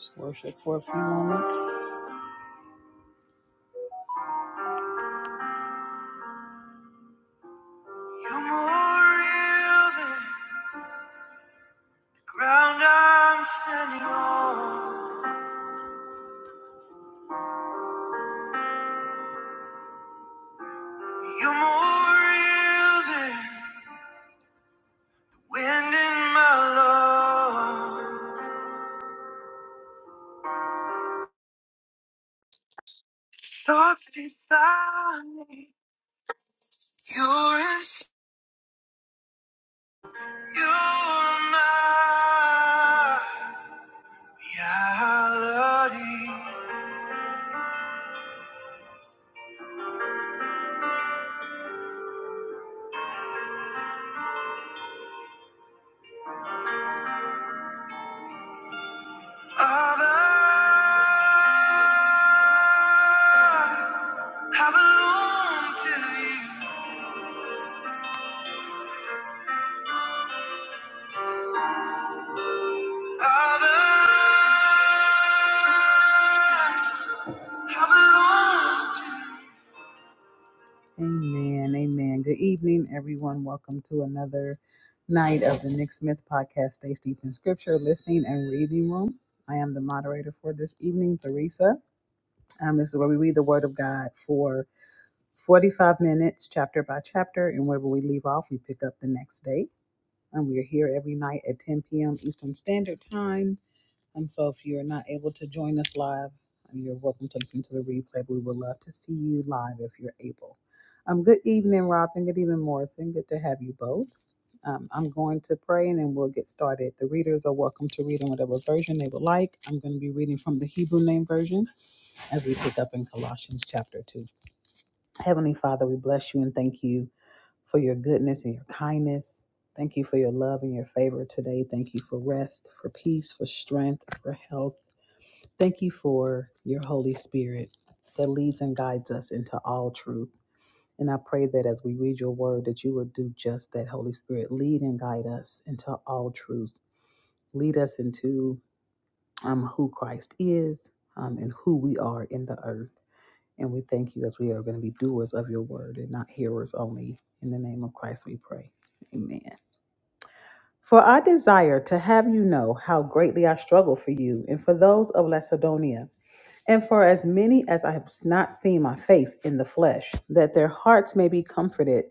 Just worship for a few moments. You're more real than ground I'm standing on. You're more real than wind in my lungs. Thoughts defy me. You're in, you're my reality. Abba, I belong to you. Amen. Amen. Good evening, everyone. Welcome to another night of the Nick Smith podcast, Stay Steep in Scripture, Listening and Reading Room. I am the moderator for this evening, Theresa. Um, this is where we read the Word of God for 45 minutes, chapter by chapter, and wherever we leave off, we pick up the next day. And we are here every night at 10 p.m. Eastern Standard Time. Um, so if you're not able to join us live, um, you're welcome to listen to the replay. But We would love to see you live if you're able. Um, good evening, Rob and Good evening, Morrison. Good to have you both. Um, I'm going to pray and then we'll get started. The readers are welcome to read in whatever version they would like. I'm going to be reading from the Hebrew Name Version as we pick up in Colossians chapter 2. Heavenly Father, we bless you and thank you for your goodness and your kindness. Thank you for your love and your favor today. Thank you for rest, for peace, for strength, for health. Thank you for your Holy Spirit that leads and guides us into all truth. And I pray that as we read your word, that you will do just that, Holy Spirit. Lead and guide us into all truth. Lead us into um, who Christ is um, and who we are in the earth. And we thank you as we are going to be doers of your word and not hearers only. In the name of Christ, we pray. Amen. For I desire to have you know how greatly I struggle for you and for those of Lacedonia And for as many as I have not seen my face in the flesh, that their hearts may be comforted,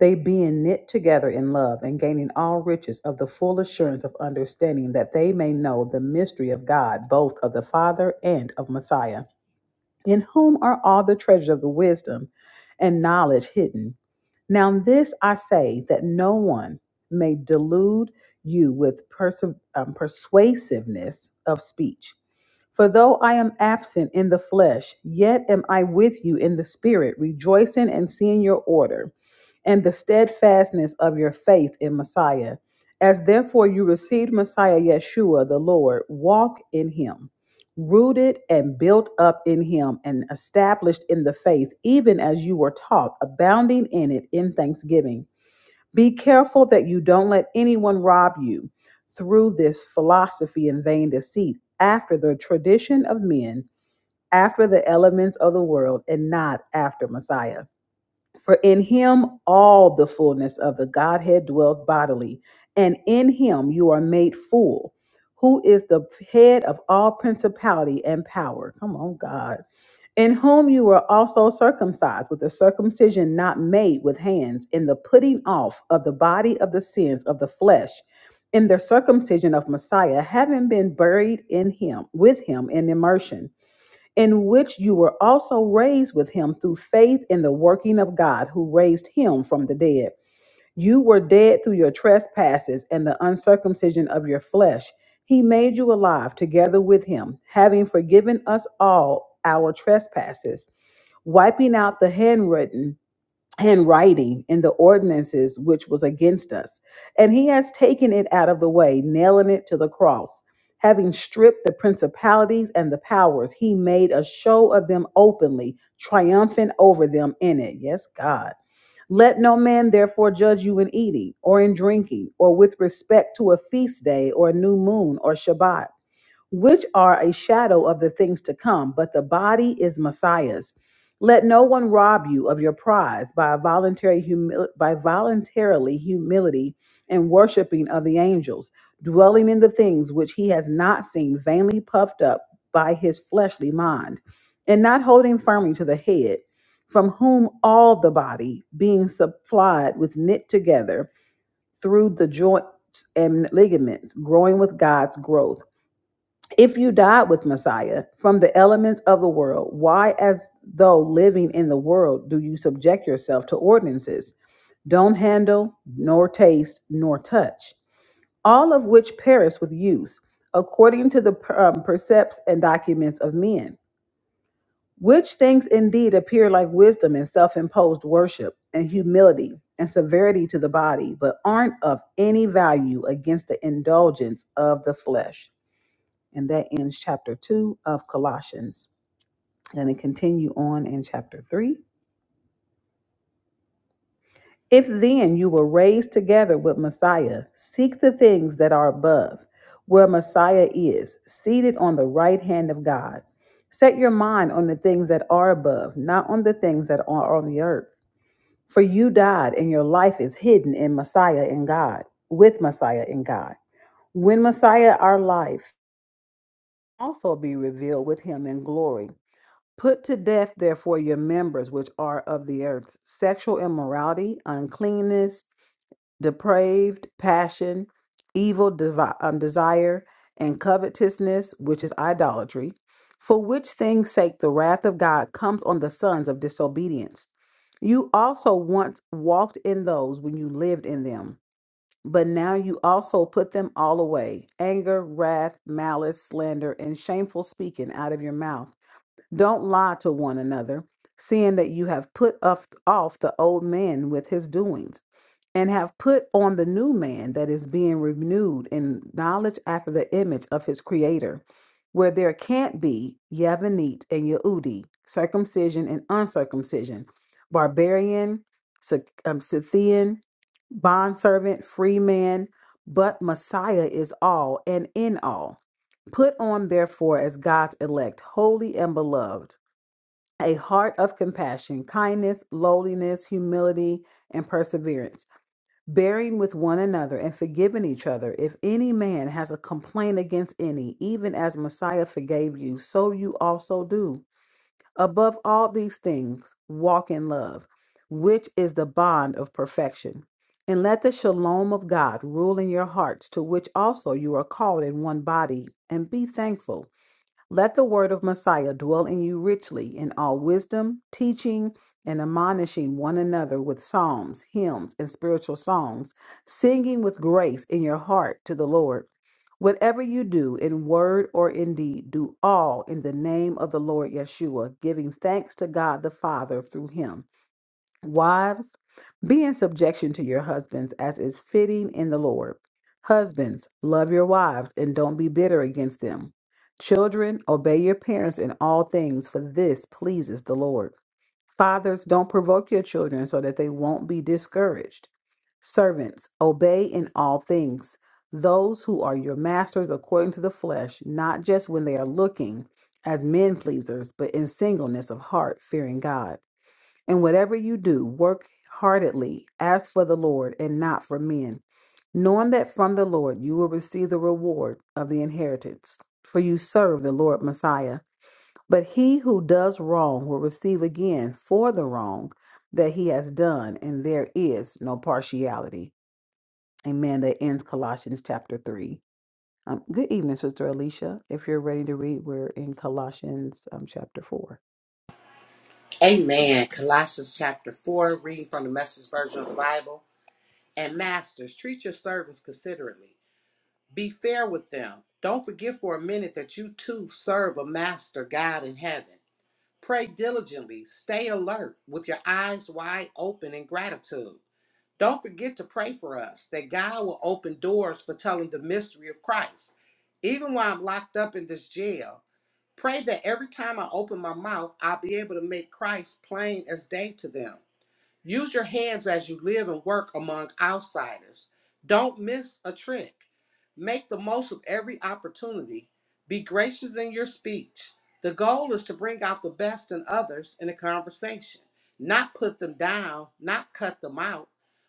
they being knit together in love and gaining all riches of the full assurance of understanding, that they may know the mystery of God, both of the Father and of Messiah, in whom are all the treasures of the wisdom and knowledge hidden. Now, this I say that no one may delude you with persu- um, persuasiveness of speech. For though I am absent in the flesh, yet am I with you in the spirit, rejoicing and seeing your order and the steadfastness of your faith in Messiah. As therefore you received Messiah Yeshua the Lord, walk in him, rooted and built up in him, and established in the faith, even as you were taught, abounding in it in thanksgiving. Be careful that you don't let anyone rob you through this philosophy and vain deceit, after the tradition of men, after the elements of the world, and not after Messiah. For in him all the fullness of the Godhead dwells bodily, and in him you are made full, who is the head of all principality and power. Come on, God in whom you were also circumcised with a circumcision not made with hands, in the putting off of the body of the sins of the flesh, in the circumcision of Messiah, having been buried in him, with him in immersion, in which you were also raised with him through faith in the working of God who raised him from the dead. You were dead through your trespasses and the uncircumcision of your flesh. He made you alive together with him, having forgiven us all our trespasses wiping out the handwritten handwriting in the ordinances which was against us and he has taken it out of the way nailing it to the cross having stripped the principalities and the powers he made a show of them openly triumphant over them in it yes god let no man therefore judge you in eating or in drinking or with respect to a feast day or a new moon or shabbat which are a shadow of the things to come, but the body is Messiah's. Let no one rob you of your prize by a voluntary humi- by voluntarily humility and worshiping of the angels, dwelling in the things which he has not seen, vainly puffed up by his fleshly mind, and not holding firmly to the head, from whom all the body, being supplied with knit together through the joints and ligaments, growing with God's growth. If you died with Messiah from the elements of the world, why, as though living in the world, do you subject yourself to ordinances? Don't handle, nor taste, nor touch, all of which perish with use, according to the um, precepts and documents of men. Which things indeed appear like wisdom and self imposed worship, and humility and severity to the body, but aren't of any value against the indulgence of the flesh. And that ends chapter 2 of Colossians. And it continue on in chapter 3. If then you were raised together with Messiah, seek the things that are above, where Messiah is, seated on the right hand of God. Set your mind on the things that are above, not on the things that are on the earth. For you died, and your life is hidden in Messiah in God, with Messiah in God. When Messiah, our life, also be revealed with him in glory. Put to death, therefore, your members which are of the earth sexual immorality, uncleanness, depraved passion, evil devi- um, desire, and covetousness, which is idolatry. For which thing's sake the wrath of God comes on the sons of disobedience. You also once walked in those when you lived in them, but now you also put them all away anger, wrath, malice, slander, and shameful speaking out of your mouth. Don't lie to one another, seeing that you have put off, off the old man with his doings, and have put on the new man that is being renewed in knowledge after the image of his creator, where there can't be Yavanite and Yehudi, circumcision and uncircumcision, barbarian, Scyth- um, Scythian, bondservant, free man, but Messiah is all and in all. Put on, therefore, as God's elect, holy and beloved a heart of compassion, kindness, lowliness, humility, and perseverance, bearing with one another and forgiving each other. If any man has a complaint against any, even as Messiah forgave you, so you also do. Above all these things, walk in love, which is the bond of perfection. And let the shalom of God rule in your hearts, to which also you are called in one body, and be thankful. Let the word of Messiah dwell in you richly in all wisdom, teaching, and admonishing one another with psalms, hymns, and spiritual songs, singing with grace in your heart to the Lord. Whatever you do in word or in deed, do all in the name of the Lord Yeshua, giving thanks to God the Father through him. Wives, be in subjection to your husbands as is fitting in the Lord. Husbands, love your wives and don't be bitter against them. Children, obey your parents in all things, for this pleases the Lord. Fathers, don't provoke your children so that they won't be discouraged. Servants, obey in all things those who are your masters according to the flesh, not just when they are looking as men pleasers, but in singleness of heart, fearing God. And whatever you do, work heartedly as for the Lord and not for men, knowing that from the Lord you will receive the reward of the inheritance, for you serve the Lord Messiah. But he who does wrong will receive again for the wrong that he has done, and there is no partiality. Amen. That ends Colossians chapter 3. Um, good evening, Sister Alicia. If you're ready to read, we're in Colossians um, chapter 4. Amen. Colossians chapter 4, reading from the message version of the Bible. And masters, treat your servants considerately. Be fair with them. Don't forget for a minute that you too serve a master God in heaven. Pray diligently. Stay alert with your eyes wide open in gratitude. Don't forget to pray for us that God will open doors for telling the mystery of Christ. Even while I'm locked up in this jail, pray that every time I open my mouth, I'll be able to make Christ plain as day to them. Use your hands as you live and work among outsiders. Don't miss a trick. Make the most of every opportunity. Be gracious in your speech. The goal is to bring out the best in others in a conversation, not put them down, not cut them out.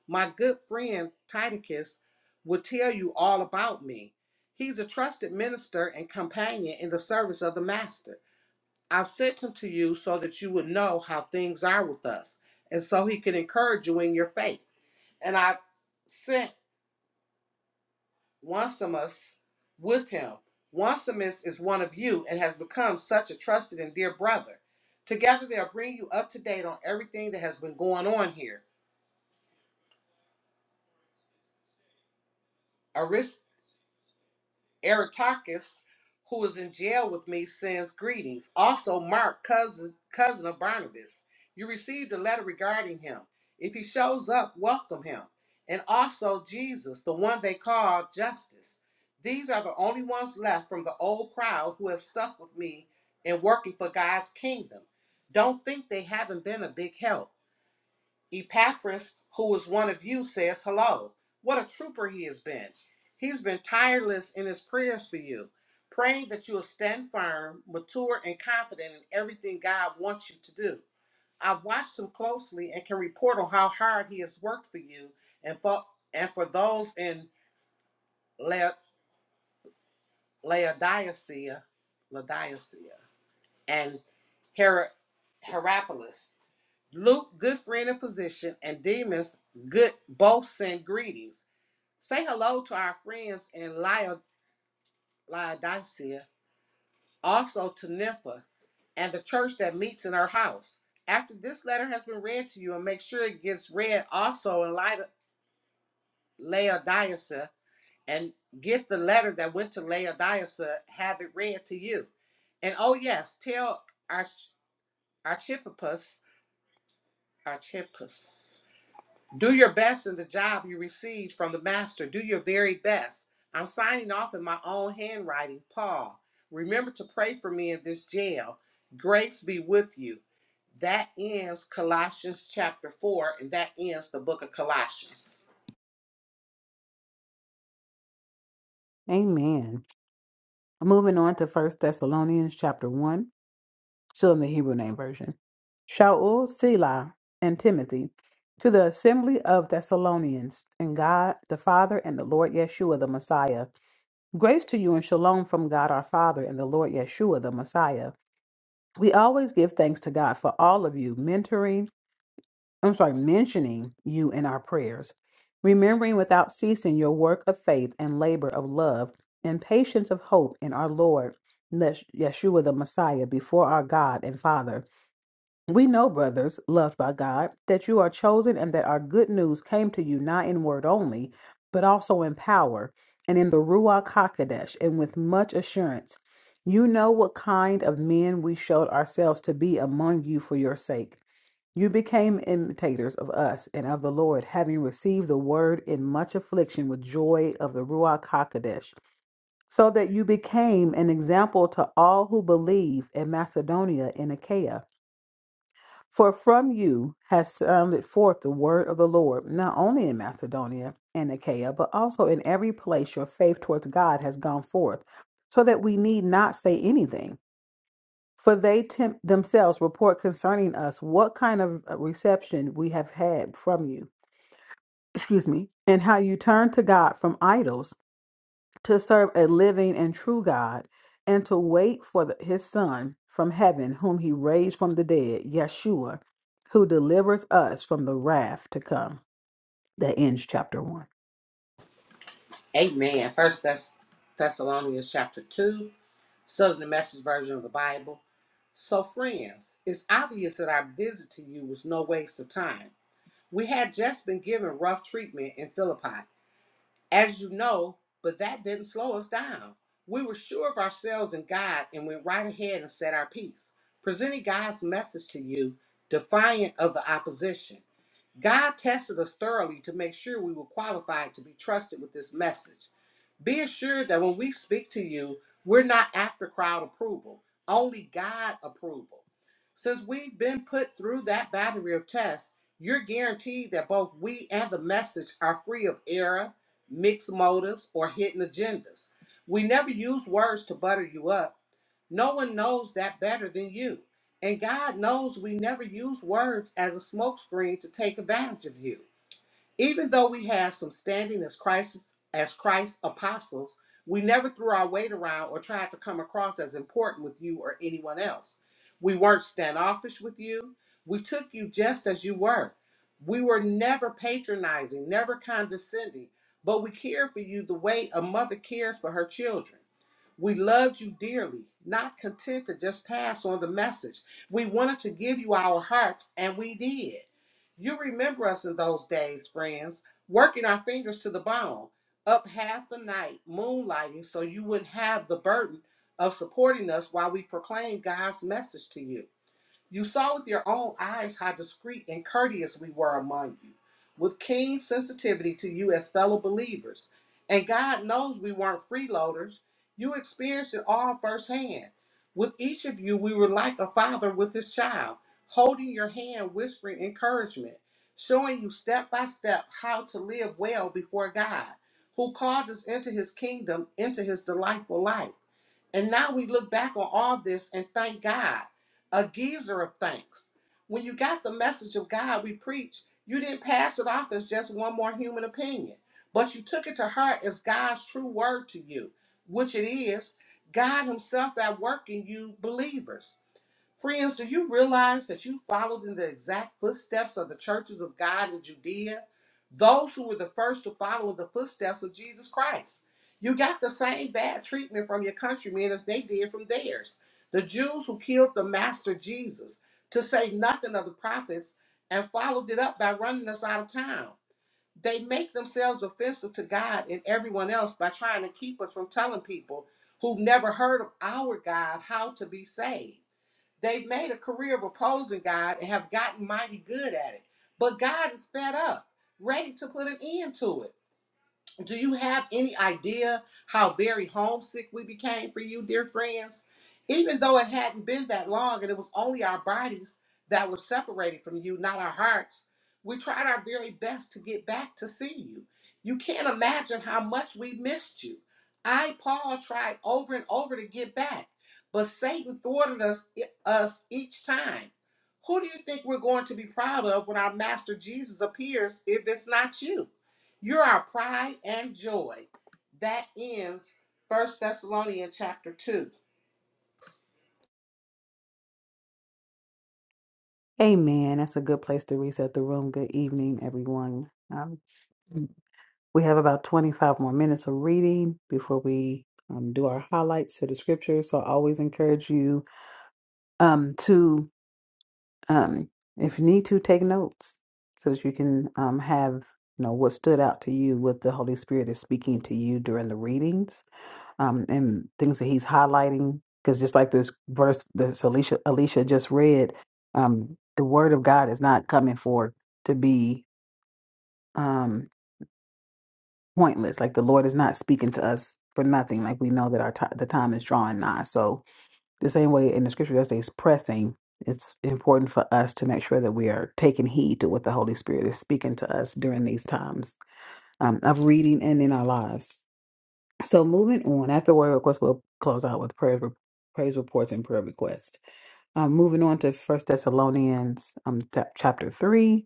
My good friend Titicus will tell you all about me. He's a trusted minister and companion in the service of the Master. I have sent him to you so that you would know how things are with us, and so he can encourage you in your faith. And I have sent Onesimus with him. Onesimus is one of you and has become such a trusted and dear brother. Together they'll bring you up to date on everything that has been going on here. Aristarchus, who is in jail with me, sends greetings. Also, Mark, cousin, cousin of Barnabas. You received a letter regarding him. If he shows up, welcome him. And also Jesus, the one they call Justice. These are the only ones left from the old crowd who have stuck with me in working for God's kingdom. Don't think they haven't been a big help. Epaphras, who was one of you, says hello. What a trooper he has been. He's been tireless in his prayers for you, praying that you'll stand firm, mature, and confident in everything God wants you to do. I've watched him closely and can report on how hard he has worked for you and for, and for those in La- Laodicea, Laodicea and Her- Herapolis. Luke, good friend and physician, and Demas, good both send greetings. Say hello to our friends in Laodicea, also to Nympha, and the church that meets in her house. After this letter has been read to you, and make sure it gets read also in Laodicea, and get the letter that went to Laodicea, have it read to you. And oh yes, tell Arch- Archippus, Archippus. Do your best in the job you received from the master. Do your very best. I'm signing off in my own handwriting, Paul. Remember to pray for me in this jail. Grace be with you. That ends Colossians chapter 4, and that ends the book of Colossians. Amen. Moving on to First Thessalonians chapter one, still in the Hebrew name version. Shaul, Selah, and Timothy, to the assembly of Thessalonians, and God the Father and the Lord Yeshua the Messiah. Grace to you and shalom from God our Father and the Lord Yeshua the Messiah. We always give thanks to God for all of you, mentoring I'm sorry, mentioning you in our prayers, remembering without ceasing your work of faith and labor of love and patience of hope in our Lord, Nes- Yeshua the Messiah, before our God and Father. We know, brothers, loved by God, that you are chosen and that our good news came to you not in word only, but also in power and in the Ruach HaKodesh and with much assurance. You know what kind of men we showed ourselves to be among you for your sake. You became imitators of us and of the Lord, having received the word in much affliction with joy of the Ruach HaKodesh, so that you became an example to all who believe in Macedonia and Achaia. For from you has sounded forth the word of the Lord, not only in Macedonia and Achaia, but also in every place your faith towards God has gone forth, so that we need not say anything. For they tem- themselves report concerning us what kind of uh, reception we have had from you, excuse me, and how you turn to God from idols to serve a living and true God and to wait for the, his Son from heaven, whom he raised from the dead, Yeshua, who delivers us from the wrath to come. That ends chapter one. Amen. First Thess- Thessalonians chapter 2, studying the message version of the Bible. So, friends, it's obvious that our visit to you was no waste of time. We had just been given rough treatment in Philippi. as you know, but that didn't slow us down. We were sure of ourselves and God and went right ahead and said our piece, presenting God's message to you, defiant of the opposition. God tested us thoroughly to make sure we were qualified to be trusted with this message. Be assured that when we speak to you, we're not after crowd approval, only God approval. Since we've been put through that battery of tests, you're guaranteed that both we and the message are free of error, mixed motives, or hidden agendas. We never use words to butter you up. No one knows that better than you. And God knows we never use words as a smokescreen to take advantage of you. Even though we had some standing as Christ's as Christ's apostles, we never threw our weight around or tried to come across as important with you or anyone else. We weren't standoffish with you. We took you just as you were. We were never patronizing, never condescending, but we cared for you the way a mother cares for her children. We loved you dearly, not content to just pass on the message. We wanted to give you our hearts, and we did. You remember us in those days, friends, working our fingers to the bone, up half the night, moonlighting, so you wouldn't have the burden of supporting us while we proclaimed God's message to you. You saw with your own eyes how discreet and courteous we were among you, with keen sensitivity to you as fellow believers. And God knows we weren't freeloaders. You experienced it all firsthand. With each of you, we were like a father with his child, holding your hand, whispering encouragement, showing you step by step how to live well before God, who called us into his kingdom, into his delightful life. And now we look back on all this and thank God, a geezer of thanks. When you got the message of God we preach, you didn't pass it off as just one more human opinion, but you took it to heart as God's true word to you, which it is God Himself that work in you believers. Friends, do you realize that you followed in the exact footsteps of the churches of God in Judea? Those who were the first to follow in the footsteps of Jesus Christ. You got the same bad treatment from your countrymen as they did from theirs. The Jews who killed the Master Jesus, to say nothing of the prophets, and followed it up by running us out of town. They make themselves offensive to God and everyone else by trying to keep us from telling people who've never heard of our God how to be saved. They've made a career of opposing God and have gotten mighty good at it. But God is fed up, ready to put an end to it. Do you have any idea how very homesick we became for you, dear friends? Even though it hadn't been that long and it was only our bodies that were separated from you, not our hearts, we tried our very best to get back to see you. You can't imagine how much we missed you. I, Paul, tried over and over to get back, but Satan thwarted us, e, us each time. Who do you think we're going to be proud of when our Master Jesus appears if it's not you? You're our pride and joy. That ends First Thessalonians chapter 2. Amen. That's a good place to reset the room. Good evening, everyone. Um, We have about 25 more minutes of reading before we um, do our highlights to the scripture. So I always encourage you um, to, um, if you need to, take notes so that you can um, have you know what stood out to you, what the Holy Spirit is speaking to you during the readings, um, and things that He's highlighting. Because just like this verse that Alicia Alicia just read, um, the Word of God is not coming forth to be. Um, pointless. Like the Lord is not speaking to us for nothing. Like we know that our ti the time is drawing nigh. So the same way in the scripture that says pressing, it's important for us to make sure that we are taking heed to what the Holy Spirit is speaking to us during these times um, of reading and in our lives. So moving on, after word request, we'll close out with prayer, praise reports and prayer requests. Um, moving on to First Thessalonians um, chap chapter three,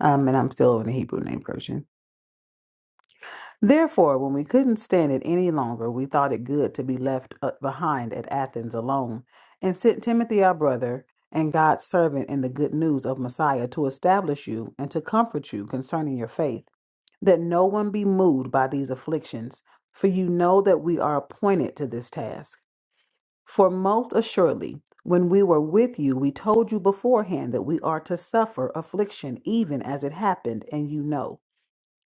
um, and I'm still in the Hebrew name version. Therefore, when we couldn't stand it any longer, we thought it good to be left uh, behind at Athens alone, and sent Timothy, our brother, and God's servant in the good news of Messiah, to establish you and to comfort you concerning your faith, that no one be moved by these afflictions. For you know that we are appointed to this task. For most assuredly, when we were with you, we told you beforehand that we are to suffer affliction, even as it happened, and you know.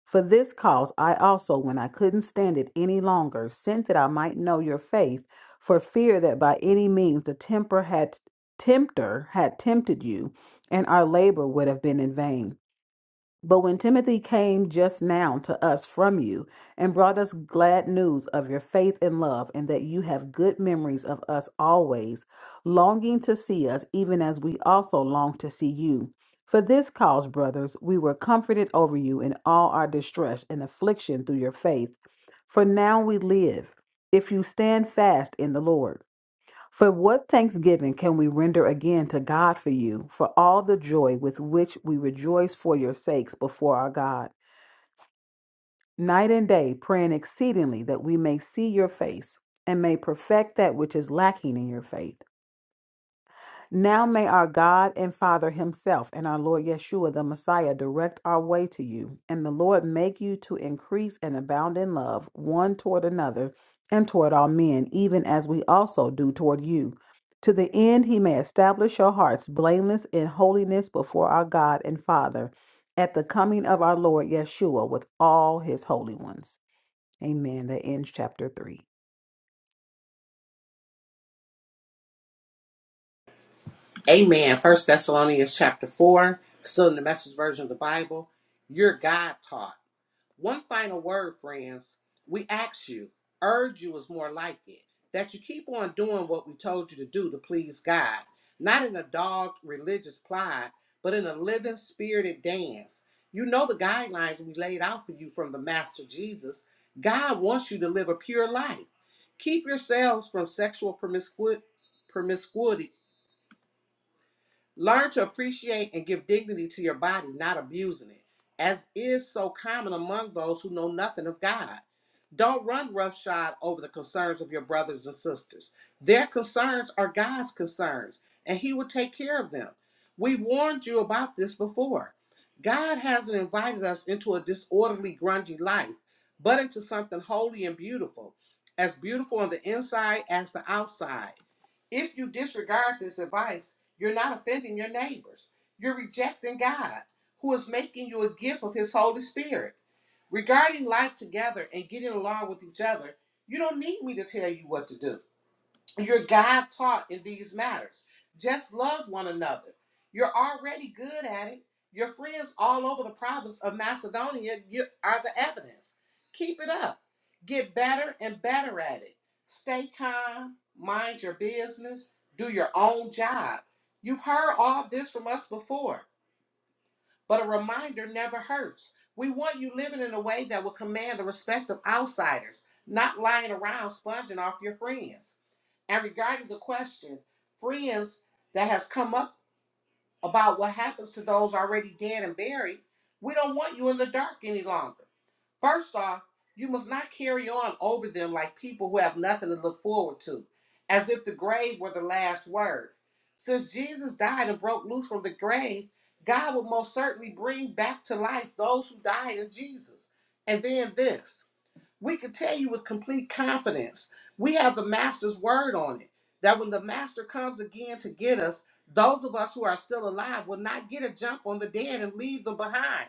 For this cause I also, when I couldn't stand it any longer, sent that I might know your faith, for fear that by any means the temper had tempter had tempted you, and our labor would have been in vain. But when Timothy came just now to us from you and brought us glad news of your faith and love, and that you have good memories of us always, longing to see us, even as we also long to see you. For this cause, brothers, we were comforted over you in all our distress and affliction through your faith. For now we live, if you stand fast in the Lord. For what thanksgiving can we render again to God for you, for all the joy with which we rejoice for your sakes before our God, night and day, praying exceedingly that we may see your face and may perfect that which is lacking in your faith? Now may our God and Father Himself and our Lord Yeshua the Messiah direct our way to you, and the Lord make you to increase and abound in love one toward another and toward all men, even as we also do toward you, to the end He may establish your hearts blameless in holiness before our God and Father at the coming of our Lord Yeshua with all His holy ones. Amen. That ends chapter 3. Amen. First Thessalonians chapter 4, still in the message version of the Bible. You're God taught. One final word, friends. We ask you, urge you is more like it, that you keep on doing what we told you to do to please God, not in a dogged religious plot, but in a living spirited dance. You know the guidelines we laid out for you from the Master Jesus. God wants you to live a pure life. Keep yourselves from sexual promiscu- promiscuity, Learn to appreciate and give dignity to your body, not abusing it, as is so common among those who know nothing of God. Don't run roughshod over the concerns of your brothers and sisters. Their concerns are God's concerns, and He will take care of them. We've warned you about this before. God hasn't invited us into a disorderly, grungy life, but into something holy and beautiful, as beautiful on the inside as the outside. If you disregard this advice, you're not offending your neighbors. You're rejecting God, who is making you a gift of His Holy Spirit. Regarding life together and getting along with each other, you don't need me to tell you what to do. You're God taught in these matters. Just love one another. You're already good at it. Your friends all over the province of Macedonia you are the evidence. Keep it up. Get better and better at it. Stay calm. Mind your business. Do your own job. You've heard all this from us before. But a reminder never hurts. We want you living in a way that will command the respect of outsiders, not lying around sponging off your friends. And regarding the question, friends that has come up about what happens to those already dead and buried, we don't want you in the dark any longer. First off, you must not carry on over them like people who have nothing to look forward to, as if the grave were the last word. Since Jesus died and broke loose from the grave, God will most certainly bring back to life those who died in Jesus. And then this we can tell you with complete confidence. We have the master's word on it that when the master comes again to get us, those of us who are still alive will not get a jump on the dead and leave them behind.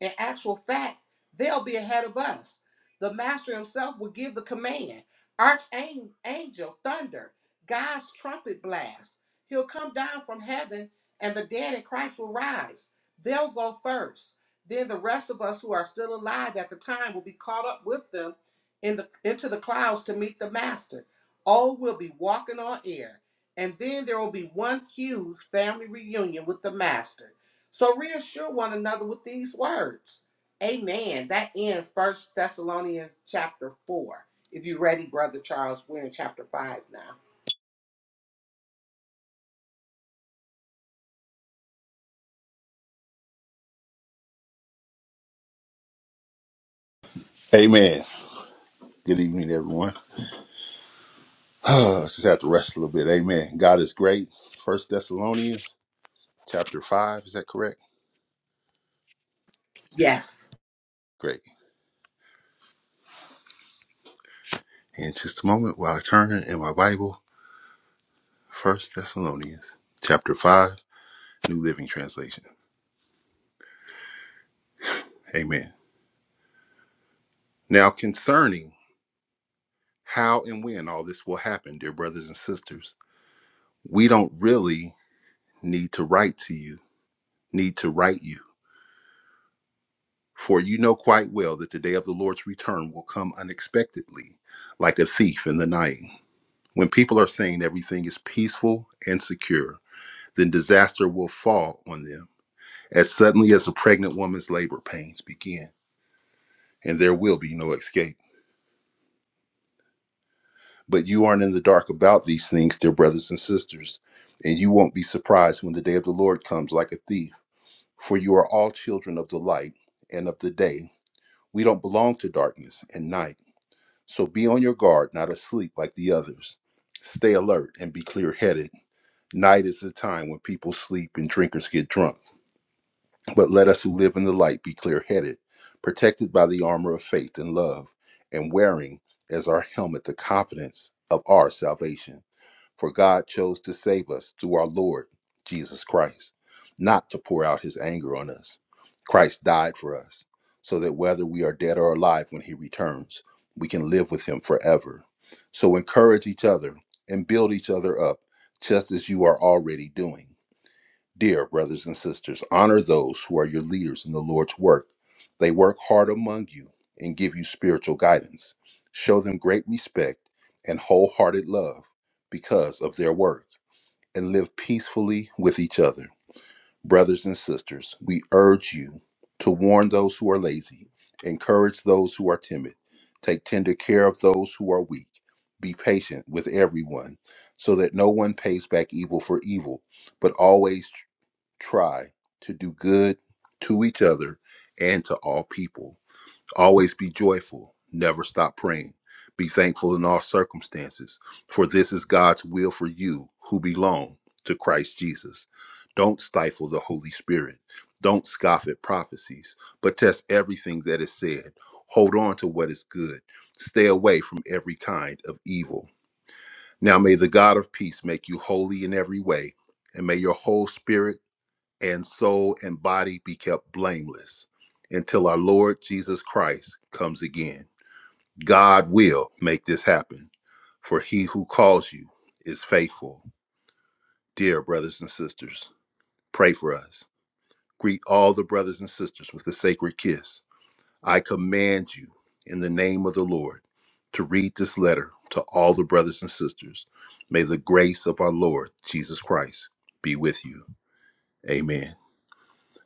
In actual fact, they'll be ahead of us. The master himself will give the command, archangel, thunder, God's trumpet blast. He'll come down from heaven, and the dead in Christ will rise. They'll go first. Then the rest of us who are still alive at the time will be caught up with them in the into the clouds to meet the master. All will be walking on air. And then there will be one huge family reunion with the master. So reassure one another with these words. Amen. That ends First Thessalonians chapter four. If you're ready, Brother Charles, we're in chapter five now. Amen. Good evening, everyone. Just have to rest a little bit. Amen. God is great. First Thessalonians chapter five. Is that correct? Yes. Great. In just a moment, while I turn in my Bible, First Thessalonians chapter five, New Living Translation. Amen. Now concerning how and when all this will happen, dear brothers and sisters, we don't really need to write to you, need to write you. For you know quite well that the day of the Lord's return will come unexpectedly, like a thief in the night. When people are saying everything is peaceful and secure, then disaster will fall on them as suddenly as a pregnant woman's labor pains begin, and there will be no escape. But you aren't in the dark about these things, dear brothers and sisters, and you won't be surprised when the day of the Lord comes like a thief, for you are all children of the light and of the day. We don't belong to darkness and night, so be on your guard, not asleep like the others. Stay alert and be clear headed Night is the time when people sleep and drinkers get drunk. But let us who live in the light be clear headed, protected by the armor of faith and love, and wearing as our helmet the confidence of our salvation. For God chose to save us through our Lord Jesus Christ, not to pour out his anger on us. Christ died for us, so that whether we are dead or alive when he returns, we can live with him forever. So encourage each other and build each other up, just as you are already doing Dear brothers and sisters, honor those who are your leaders in the Lord's work. They work hard among you and give you spiritual guidance. Show them great respect and wholehearted love because of their work, and live peacefully with each other. Brothers and sisters, we urge you to warn those who are lazy, encourage those who are timid, take tender care of those who are weak. Be patient with everyone, so that no one pays back evil for evil, but always try to do good to each other and to all people. Always be joyful. Never stop praying. Be thankful in all circumstances, for this is God's will for you who belong to Christ Jesus. Don't stifle the Holy Spirit. Don't scoff at prophecies, but test everything that is said. Hold on to what is good. Stay away from every kind of evil. Now may the God of peace make you holy in every way, and may your whole spirit and soul and body be kept blameless until our Lord Jesus Christ comes again. God will make this happen, for he who calls you is faithful. Dear brothers and sisters, pray for us. Greet all the brothers and sisters with a sacred kiss. I command you in the name of the Lord to read this letter to all the brothers and sisters. May the grace of our Lord Jesus Christ be with you. Amen.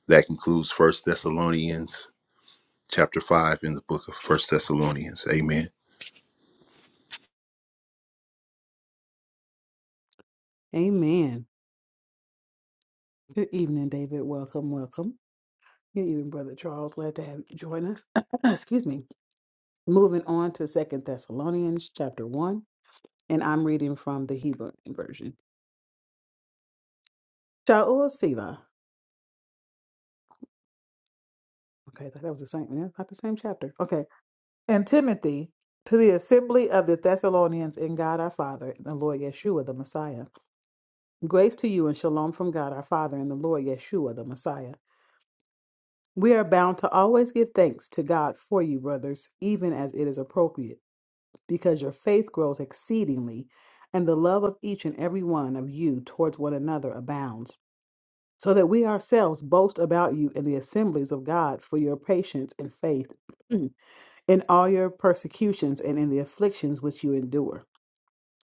That concludes First Thessalonians chapter 5 in the book of First Thessalonians. Amen. Amen. Good evening, David. Welcome, welcome. Good evening, Brother Charles. Glad to have you join us. Excuse me. Moving on to Second Thessalonians chapter one, and I'm reading from the Hebrew version. Shaul Selah. Okay, that that was the same. yeah, Not the same chapter. Okay, and Timothy to the assembly of the Thessalonians in God our Father and the Lord Yeshua the Messiah. Grace to you and shalom from God our Father and the Lord Yeshua the Messiah. We are bound to always give thanks to God for you, brothers, even as it is appropriate because your faith grows exceedingly, and the love of each and every one of you towards one another abounds, so that we ourselves boast about you in the assemblies of God for your patience and faith in all your persecutions and in the afflictions which you endure.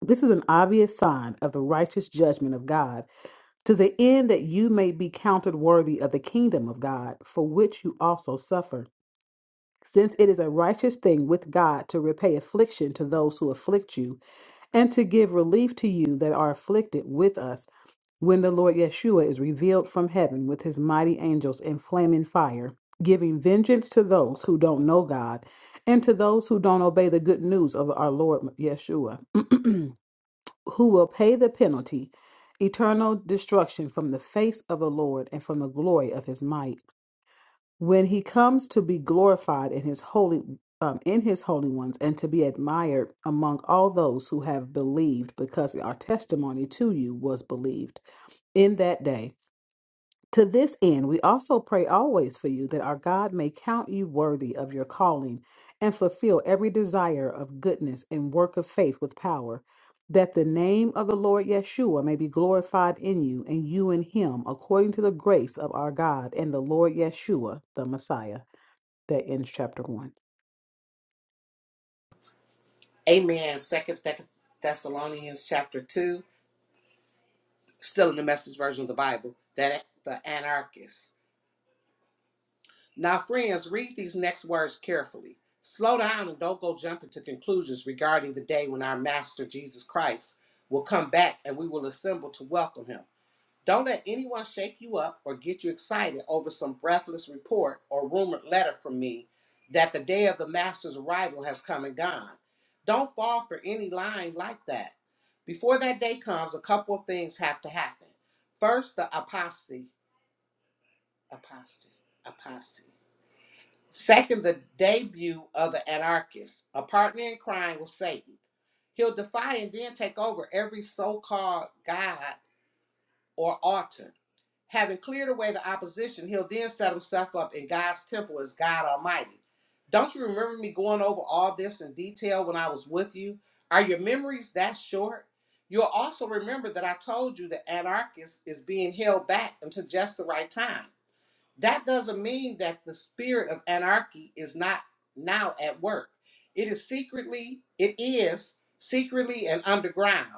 This is an obvious sign of the righteous judgment of God, to the end that you may be counted worthy of the kingdom of God, for which you also suffer. Since it is a righteous thing with God to repay affliction to those who afflict you and to give relief to you that are afflicted with us when the Lord Yeshua is revealed from heaven with his mighty angels in flaming fire, giving vengeance to those who don't know God and to those who don't obey the good news of our Lord Yeshua, who will pay the penalty, eternal destruction from the face of the Lord and from the glory of his might when he comes to be glorified in his holy um, in his holy ones and to be admired among all those who have believed because our testimony to you was believed in that day to this end we also pray always for you that our god may count you worthy of your calling and fulfill every desire of goodness and work of faith with power that the name of the lord yeshua may be glorified in you and you in him according to the grace of our god and the lord yeshua the messiah that ends chapter one. Amen. Second Thessalonians chapter two. still in the message version of the Bible, that the anarchists. Now, friends, read these next words carefully. Slow down and don't go jumping to conclusions regarding the day when our Master Jesus Christ will come back and we will assemble to welcome him. Don't let anyone shake you up or get you excited over some breathless report or rumored letter from me that the day of the Master's arrival has come and gone. Don't fall for any line like that. Before that day comes, a couple of things have to happen. First, the apostasy, apostasy, apostasy. Second, the debut of the anarchist, a partner in crime with Satan. He'll defy and then take over every so called God or altar. Having cleared away the opposition, he'll then set himself up in God's temple as God Almighty. Don't you remember me going over all this in detail when I was with you? Are your memories that short? You'll also remember that I told you that anarchists is being held back until just the right time that doesn't mean that the spirit of anarchy is not now at work. It is secretly, it is secretly and underground.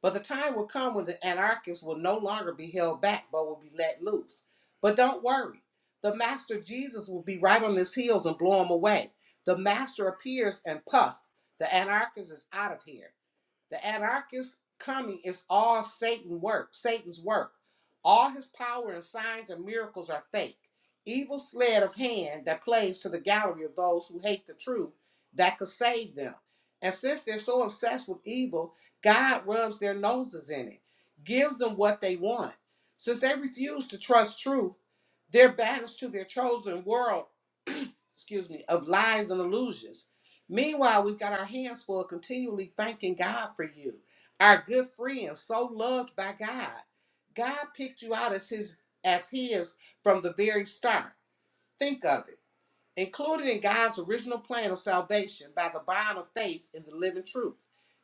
But the time will come when the anarchists will no longer be held back but will be let loose. But don't worry, the master Jesus will be right on his heels and blow them away. The master appears and puff, the anarchist is out of here. The anarchist coming is all Satan work, Satan's work. All his power and signs and miracles are fake. Evil sleight of hand that plays to the gallery of those who hate the truth that could save them. And since they're so obsessed with evil, God rubs their noses in it, gives them what they want. Since they refuse to trust truth, they're banished to their chosen world excuse me, of lies and illusions. Meanwhile, we've got our hands full continually thanking God for you, our good friend, so loved by God. God picked you out as his as his from the very start. Think of it included in God's original plan of salvation by the bond of faith in the living truth.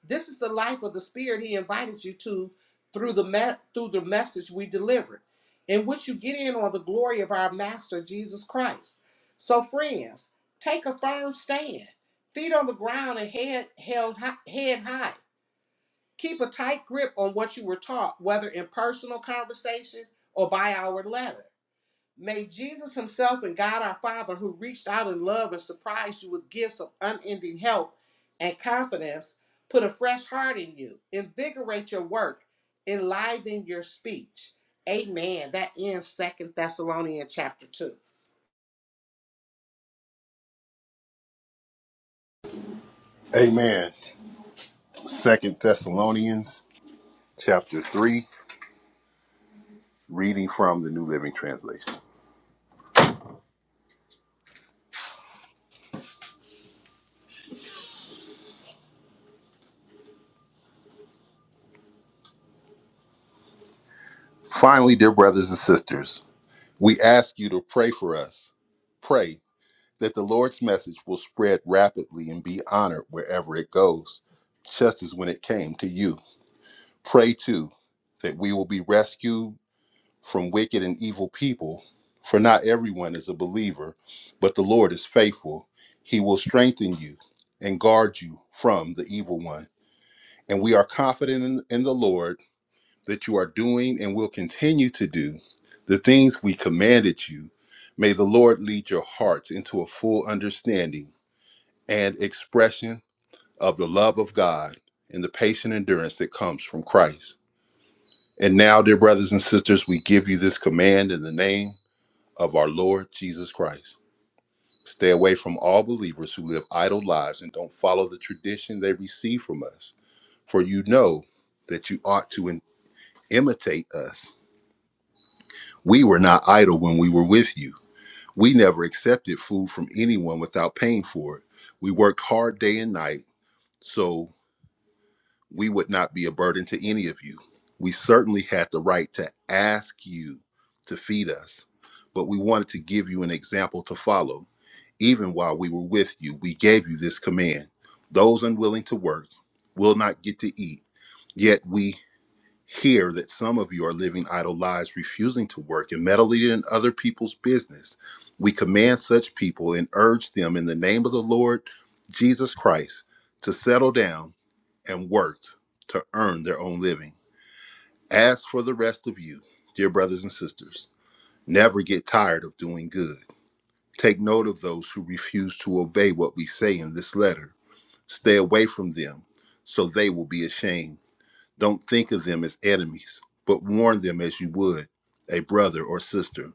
This is the life of the Spirit He invited you to through the me- through the message we delivered, in which you get in on the glory of our Master Jesus Christ. So, friends, take a firm stand, feet on the ground and head held hi- head high. Keep a tight grip on what you were taught, whether in personal conversation or by our letter. May Jesus Himself and God our Father, who reached out in love and surprised you with gifts of unending help and confidence, put a fresh heart in you, invigorate your work, enliven your speech. Amen. That ends Second Thessalonians chapter two. Amen. Second Thessalonians chapter three, reading from the New Living Translation. Finally, dear brothers and sisters, we ask you to pray for us. Pray that the Lord's message will spread rapidly and be honored wherever it goes, just as when it came to you. Pray too that we will be rescued from wicked and evil people. For not everyone is a believer, but the Lord is faithful. He will strengthen you and guard you from the evil one. And we are confident in, in the Lord that you are doing and will continue to do the things we commanded you. May the Lord lead your hearts into a full understanding and expression of the love of God and the patient endurance that comes from Christ. And now, dear brothers and sisters, we give you this command in the name of our Lord Jesus Christ. Stay away from all believers who live idle lives and don't follow the tradition they receive from us, for you know that you ought to im- imitate us. We were not idle when we were with you. We never accepted food from anyone without paying for it. We worked hard day and night so we would not be a burden to any of you. We certainly had the right to ask you to feed us, but we wanted to give you an example to follow. Even while we were with you, we gave you this command Those unwilling to work will not get to eat. Yet we hear that some of you are living idle lives, refusing to work and meddling in other people's business. We command such people and urge them in the name of the Lord Jesus Christ to settle down and work to earn their own living. As for the rest of you, dear brothers and sisters, never get tired of doing good. Take note of those who refuse to obey what we say in this letter. Stay away from them, so they will be ashamed. Don't think of them as enemies, but warn them as you would a brother or sister.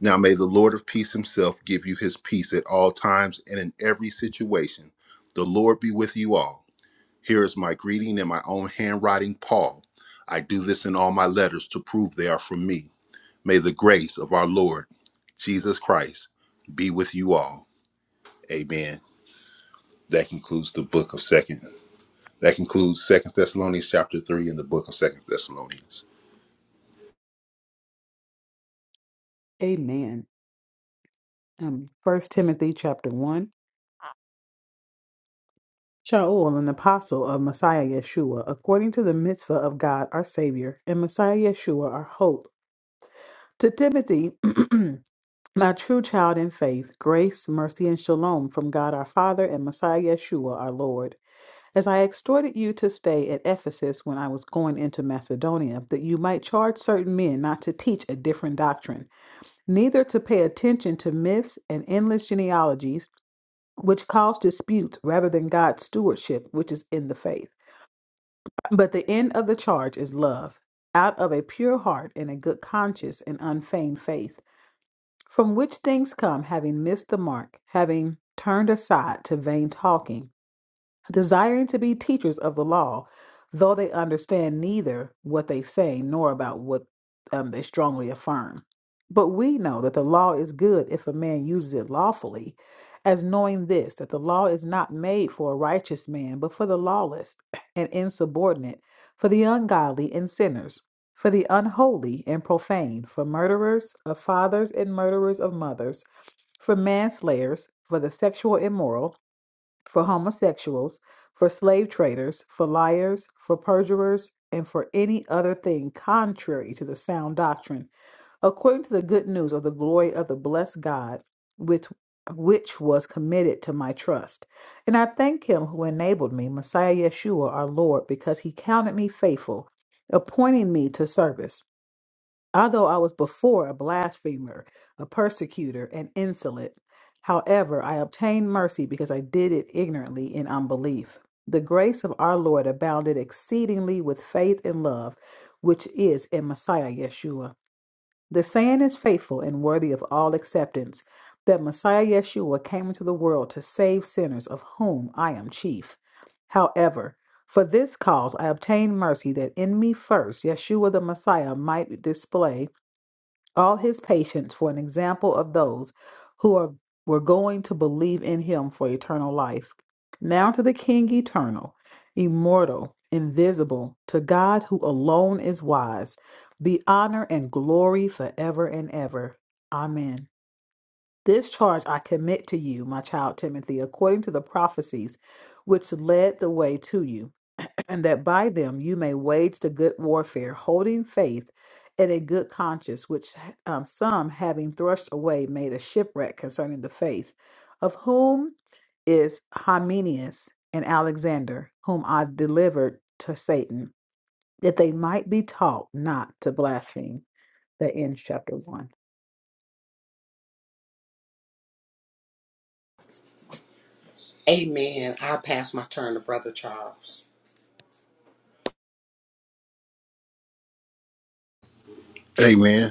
Now may the Lord of peace himself give you his peace at all times and in every situation. The Lord be with you all. Here is my greeting in my own handwriting, Paul. I do this in all my letters to prove they are from me. May the grace of our Lord Jesus Christ be with you all. Amen. That concludes the book of Second. That concludes Second Thessalonians chapter three in the book of Second Thessalonians. Amen. Um, First Timothy chapter one. Shaul, an apostle of Messiah Yeshua, according to the mitzvah of God our Savior, and Messiah Yeshua our hope. To Timothy, my true child in faith, grace, mercy, and shalom from God our Father and Messiah Yeshua our Lord. As I exhorted you to stay at Ephesus when I was going into Macedonia, that you might charge certain men not to teach a different doctrine, neither to pay attention to myths and endless genealogies, which cause disputes rather than God's stewardship, which is in the faith. But the end of the charge is love, out of a pure heart and a good conscience and unfeigned faith, from which things come, having missed the mark, having turned aside to vain talking desiring to be teachers of the law, though they understand neither what they say nor about what um, they strongly affirm. But we know that the law is good if a man uses it lawfully, as knowing this, that the law is not made for a righteous man, but for the lawless and insubordinate, for the ungodly and sinners, for the unholy and profane, for murderers of fathers and murderers of mothers, for manslayers, for the sexual immoral for homosexuals, for slave traders, for liars, for perjurers, and for any other thing contrary to the sound doctrine, according to the good news of the glory of the blessed God, which which was committed to my trust. And I thank him who enabled me, Messiah Yeshua our Lord, because he counted me faithful, appointing me to service. Although I was before a blasphemer, a persecutor, and insolent, however, I obtained mercy because I did it ignorantly in unbelief. The grace of our Lord abounded exceedingly with faith and love, which is in Messiah Yeshua. The saying is faithful and worthy of all acceptance that Messiah Yeshua came into the world to save sinners, of whom I am chief. However, for this cause I obtained mercy that in me first Yeshua the Messiah might display all his patience for an example of those who are, were going to believe in him for eternal life. Now to the King eternal, immortal, invisible, to God who alone is wise, be honor and glory forever and ever. Amen. This charge I commit to you, my child Timothy, according to the prophecies which led the way to you and that by them you may wage the good warfare, holding faith and a good conscience, which um, some, having thrust away, made a shipwreck concerning the faith, of whom is Hymenius and Alexander, whom I delivered to Satan that they might be taught not to blaspheme. That ends chapter one. Amen. I'll pass my turn to Brother Charles. Amen.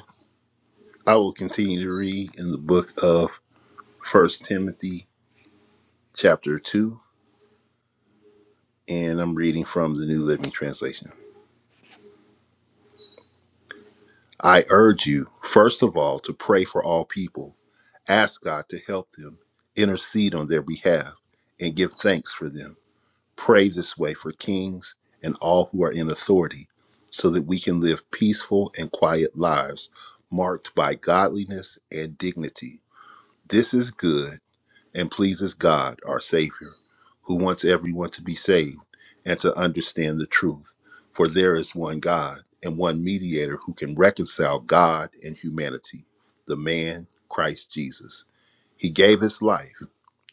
I will continue to read in the book of First Timothy chapter two, and I'm reading from the New Living Translation. I urge you, first of all, to pray for all people. Ask God to help them, intercede on their behalf, and give thanks for them Pray this way for kings and all who are in authority, so that we can live peaceful and quiet lives marked by godliness and dignity. This is good and pleases God, our Savior, who wants everyone to be saved and to understand the truth. For there is one God and one mediator who can reconcile God and humanity, the man Christ Jesus. He gave his life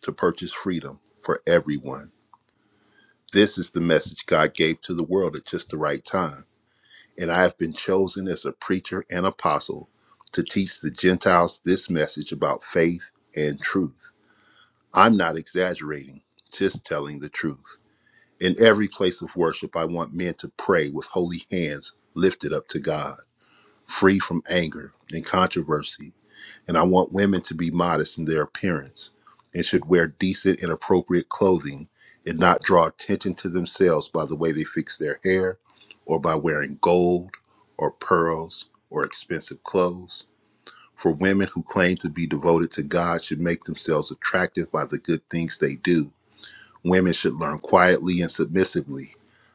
to purchase freedom for everyone this is the message God gave to the world at just the right time. And I have been chosen as a preacher and apostle to teach the Gentiles this message about faith and truth. I'm not exaggerating, just telling the truth. In every place of worship, I want men to pray with holy hands lifted up to God, free from anger and controversy and I want women to be modest in their appearance and should wear decent and appropriate clothing and not draw attention to themselves by the way they fix their hair or by wearing gold or pearls or expensive clothes. For women who claim to be devoted to God should make themselves attractive by the good things they do. Women should learn quietly and submissively.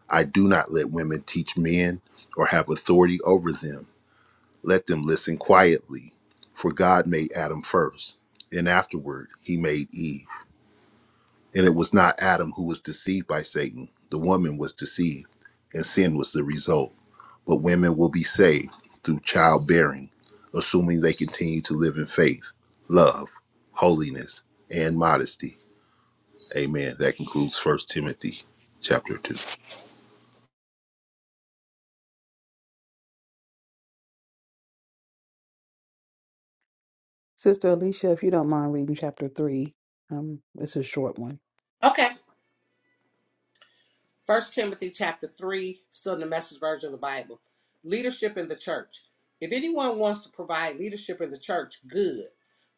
I do not let women teach men or have authority over them. Let them listen quietly, for God made Adam first, and afterward he made Eve. And it was not Adam who was deceived by Satan, the woman was deceived, and sin was the result. But women will be saved through childbearing, assuming they continue to live in faith, love, holiness, and modesty. Amen. That concludes First Timothy chapter 2. Sister Alicia, if you don't mind reading chapter three, um, it's a short one. Okay. First Timothy chapter 3, still in the message version of the Bible. Leadership in the church. If anyone wants to provide leadership in the church, good.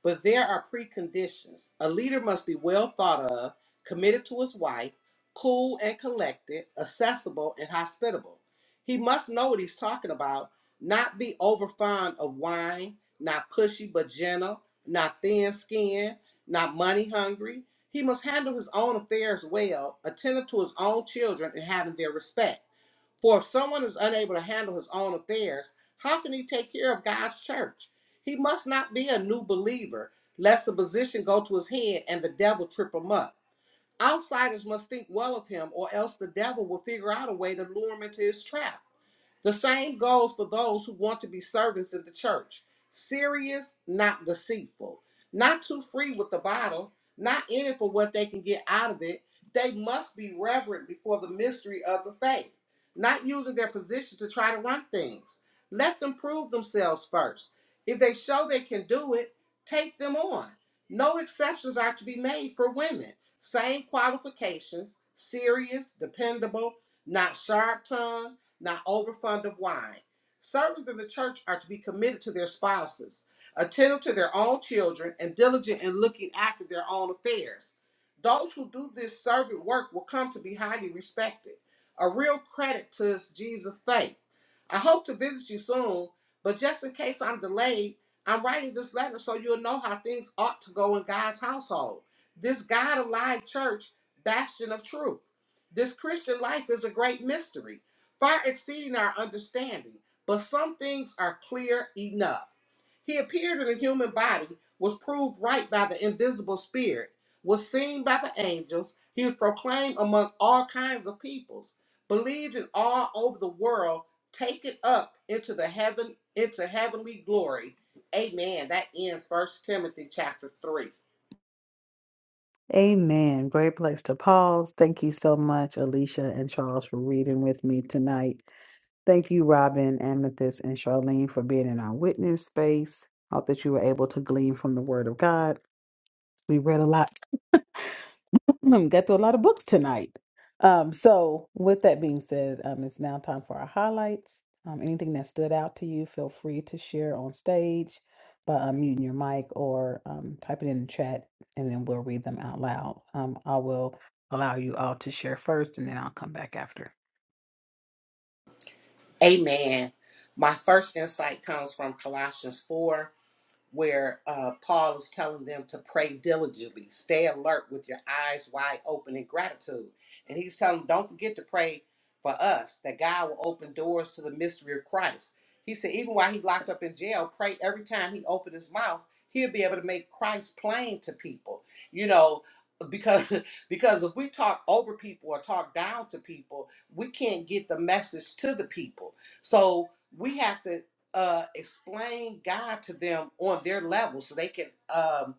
But there are preconditions. A leader must be well thought of, committed to his wife, cool and collected, accessible and hospitable. He must know what he's talking about, not be over fond of wine, not pushy but gentle, not thin skinned, not money hungry, he must handle his own affairs well, attentive to his own children, and having their respect. For if someone is unable to handle his own affairs, how can he take care of God's church? He must not be a new believer, lest the position go to his head and the devil trip him up. Outsiders must think well of him, or else the devil will figure out a way to lure him into his trap. The same goes for those who want to be servants in the church serious, not deceitful, not too free with the bottle, not in it for what they can get out of it. They must be reverent before the mystery of the faith, not using their position to try to run things. Let them prove themselves first. If they show they can do it, take them on. No exceptions are to be made for women. Same qualifications serious, dependable, not sharp tongued not overfond of wine. Servants in the church are to be committed to their spouses, attentive to their own children, and diligent in looking after their own affairs. Those who do this servant work will come to be highly respected, a real credit to Jesus' faith. I hope to visit you soon, but just in case I'm delayed, I'm writing this letter so you'll know how things ought to go in God's household. This God alive church, bastion of truth. This Christian life is a great mystery far exceeding our understanding, but some things are clear enough. He appeared in a human body, was proved right by the invisible spirit, was seen by the angels, he was proclaimed among all kinds of peoples, believed in all over the world, taken up into the heaven into heavenly glory. Amen. That ends First Timothy chapter 3. Amen. Great place to pause. Thank you so much, Alicia and Charles, for reading with me tonight. Thank you, Robin, Amethyst, and Charlene for being in our witness space. I Hope that you were able to glean from the Word of God. We read a lot. We Got through a lot of books tonight. Um, so, with that being said, um, it's now time for our highlights. Um, anything that stood out to you, feel free to share on stage by unmuting your mic or um, type it in the chat, and then we'll read them out loud. Um, I will allow you all to share first, and then I'll come back after. Amen. My first insight comes from Colossians 4 where uh, Paul is telling them to pray diligently, stay alert with your eyes wide open in gratitude. And he's telling them, don't forget to pray for us, that God will open doors to the mystery of Christ. He said, even while he locked up in jail, pray every time he opened his mouth, he'll be able to make Christ plain to people. You know, because because if we talk over people or talk down to people, we can't get the message to the people. So we have to uh, explain God to them on their level so they can um,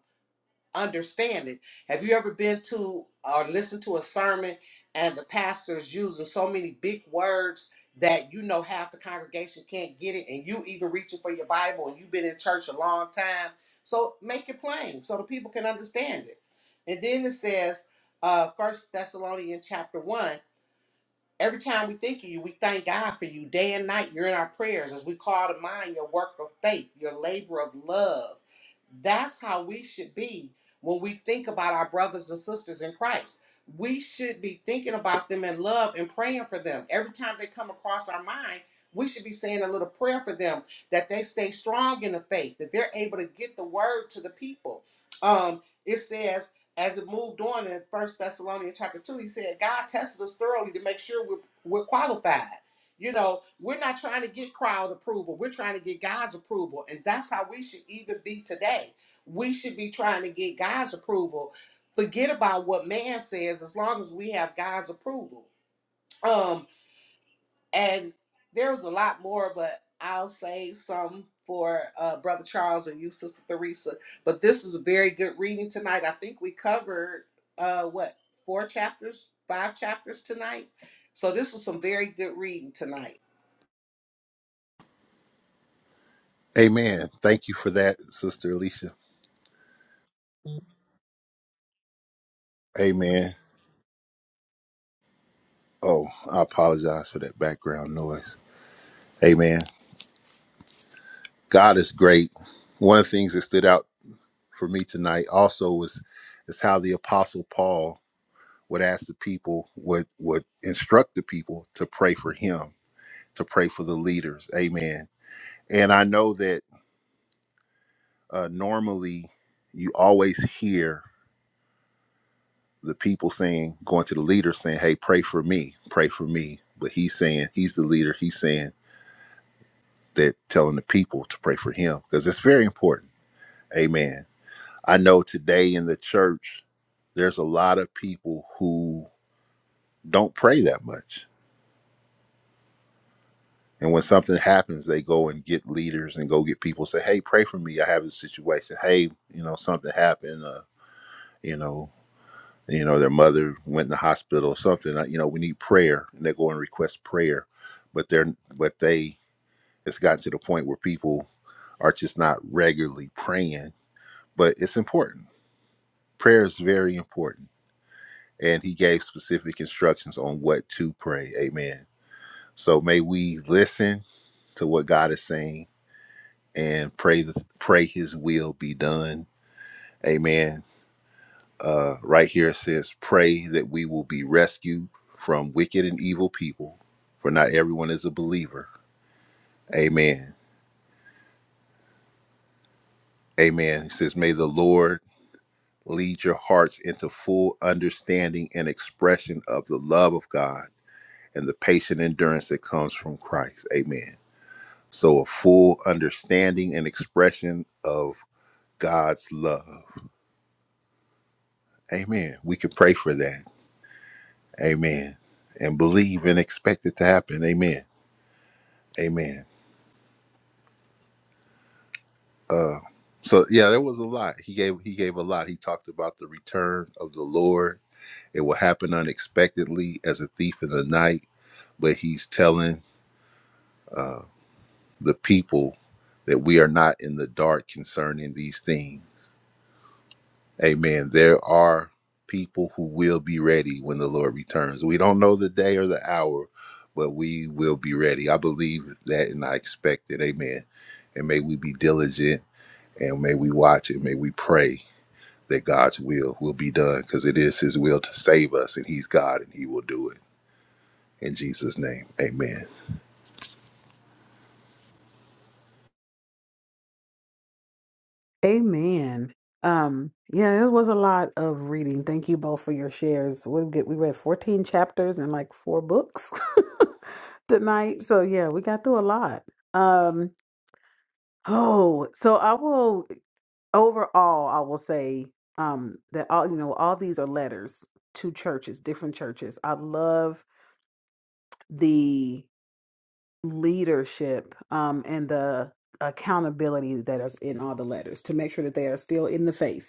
understand it. Have you ever been to or listened to a sermon and the pastor is using so many big words that you know half the congregation can't get it, and you even reaching for your Bible and you've been in church a long time? So make it plain so the people can understand it. And then it says, uh, First Thessalonians chapter one. Every time we think of you, we thank God for you. Day and night, you're in our prayers as we call to mind your work of faith, your labor of love. That's how we should be when we think about our brothers and sisters in Christ. We should be thinking about them in love and praying for them. Every time they come across our mind, we should be saying a little prayer for them that they stay strong in the faith, that they're able to get the word to the people. Um, it says as it moved on in First Thessalonians chapter two, he said, God tested us thoroughly to make sure we're, we're qualified. You know, we're not trying to get crowd approval. We're trying to get God's approval. And that's how we should even be today. We should be trying to get God's approval. Forget about what man says as long as we have God's approval. Um, and there was a lot more, but I'll save some for uh, Brother Charles and you, Sister Theresa. But this is a very good reading tonight. I think we covered uh, what four chapters, five chapters tonight. So this was some very good reading tonight. Amen. Thank you for that, Sister Alicia. Amen. Oh, I apologize for that background noise. Amen. God is great. One of the things that stood out for me tonight also was is how the apostle Paul would ask the people, would would instruct the people to pray for him, to pray for the leaders. Amen. And I know that uh, normally you always hear the people saying, going to the leader saying, "Hey, pray for me, pray for me." But he's saying, he's the leader. He's saying that telling the people to pray for him because it's very important. Amen. I know today in the church, there's a lot of people who don't pray that much. And when something happens, they go and get leaders and go get people say, "Hey, pray for me. I have this situation. Hey, you know, something happened. Uh, you know, you know, their mother went in the hospital or something. uh, You know, we need prayer." And they go and request prayer, but they're but they it's gotten to the point where people are just not regularly praying. But it's important. Prayer is very important and he gave specific instructions on what to pray. Amen. So may we listen to what God is saying and pray the, pray his will be done. Amen. Uh, right here it says, pray that we will be rescued from wicked and evil people, for not everyone is a believer. Amen. Amen. It says, may the Lord lead your hearts into full understanding and expression of the love of God and the patient endurance that comes from Christ. Amen. So, a full understanding and expression of God's love. Amen. We can pray for that. Amen. And believe and expect it to happen. Amen. Amen. Uh, so yeah, there was a lot. He gave he gave a lot. He talked about the return of the Lord. It will happen unexpectedly as a thief in the night. But he's telling uh, the people that we are not in the dark concerning these things Amen. There are people who will be ready when the Lord returns. We don't know the day or the hour, but we will be ready. I believe that and I expect it. Amen. And may we be diligent and may we watch it. May we pray that God's will will be done because it is His will to save us and He's God and He will do it. In Jesus' name, amen. Amen. Um, yeah, it was a lot of reading. Thank you both for your shares. We get we read 14 chapters and like four books tonight. So yeah, we got through a lot. Um, oh, so I will overall I will say um that all you know, all these are letters to churches, different churches. I love the leadership um and the accountability that is in all the letters to make sure that they are still in the faith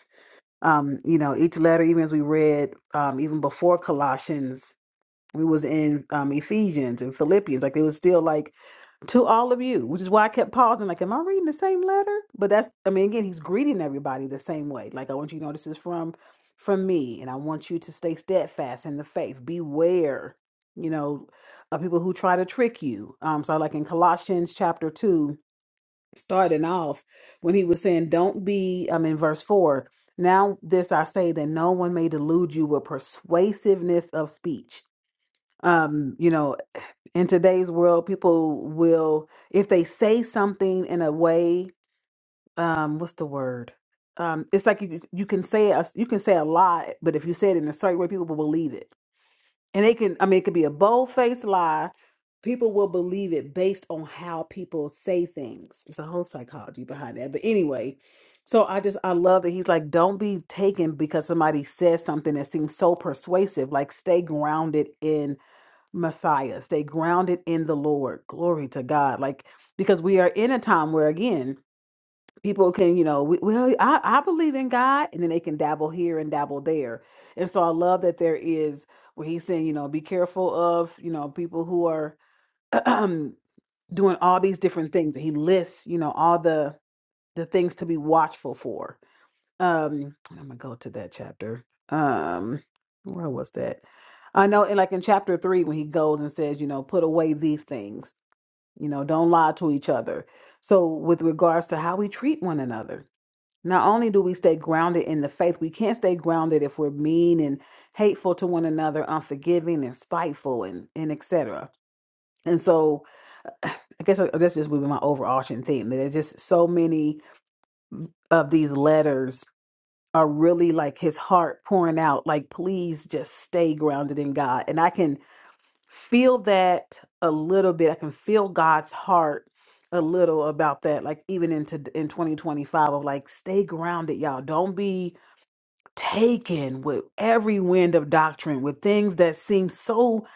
um, you know, each letter, even as we read, um, even before Colossians, we was in um, Ephesians and Philippians. Like it was still like to all of you, which is why I kept pausing. Like, am I reading the same letter? But that's, I mean, again, he's greeting everybody the same way. Like, I want you to know this is from from me, and I want you to stay steadfast in the faith. Beware, you know, of people who try to trick you. Um, so, like in Colossians chapter two, starting off when he was saying, Don't be, I'm in verse four. Now, this I say that no one may delude you with persuasiveness of speech. Um, you know, in today's world, people will, if they say something in a way, um, what's the word? Um, it's like you you can say a, you can say a lot, but if you say it in a certain way, people will believe it and it can, I mean, it could be a bold faced lie. People will believe it based on how people say things. It's a whole psychology behind that. But anyway, so I just, I love that he's like, don't be taken because somebody says something that seems so persuasive. Like, stay grounded in Messiah, stay grounded in the Lord. Glory to God. Like, because we are in a time where, again, people can you know we, well I, I believe in god and then they can dabble here and dabble there and so i love that there is where he's saying you know be careful of you know people who are doing all these different things and he lists you know all the the things to be watchful for um and i'm gonna go to that chapter um where was that i know and like in chapter three when he goes and says you know put away these things you know don't lie to each other so with regards to how we treat one another not only do we stay grounded in the faith, we can't stay grounded if we're mean and hateful to one another, unforgiving and spiteful and and etc. And so I guess that's just would be my overarching theme. That there's just so many of these letters are really like his heart pouring out, like, please just stay grounded in God. And I can feel that a little bit. I can feel God's heart a little about that, like even into in 2025 of like stay grounded, y'all. Don't be taken with every wind of doctrine with things that seem so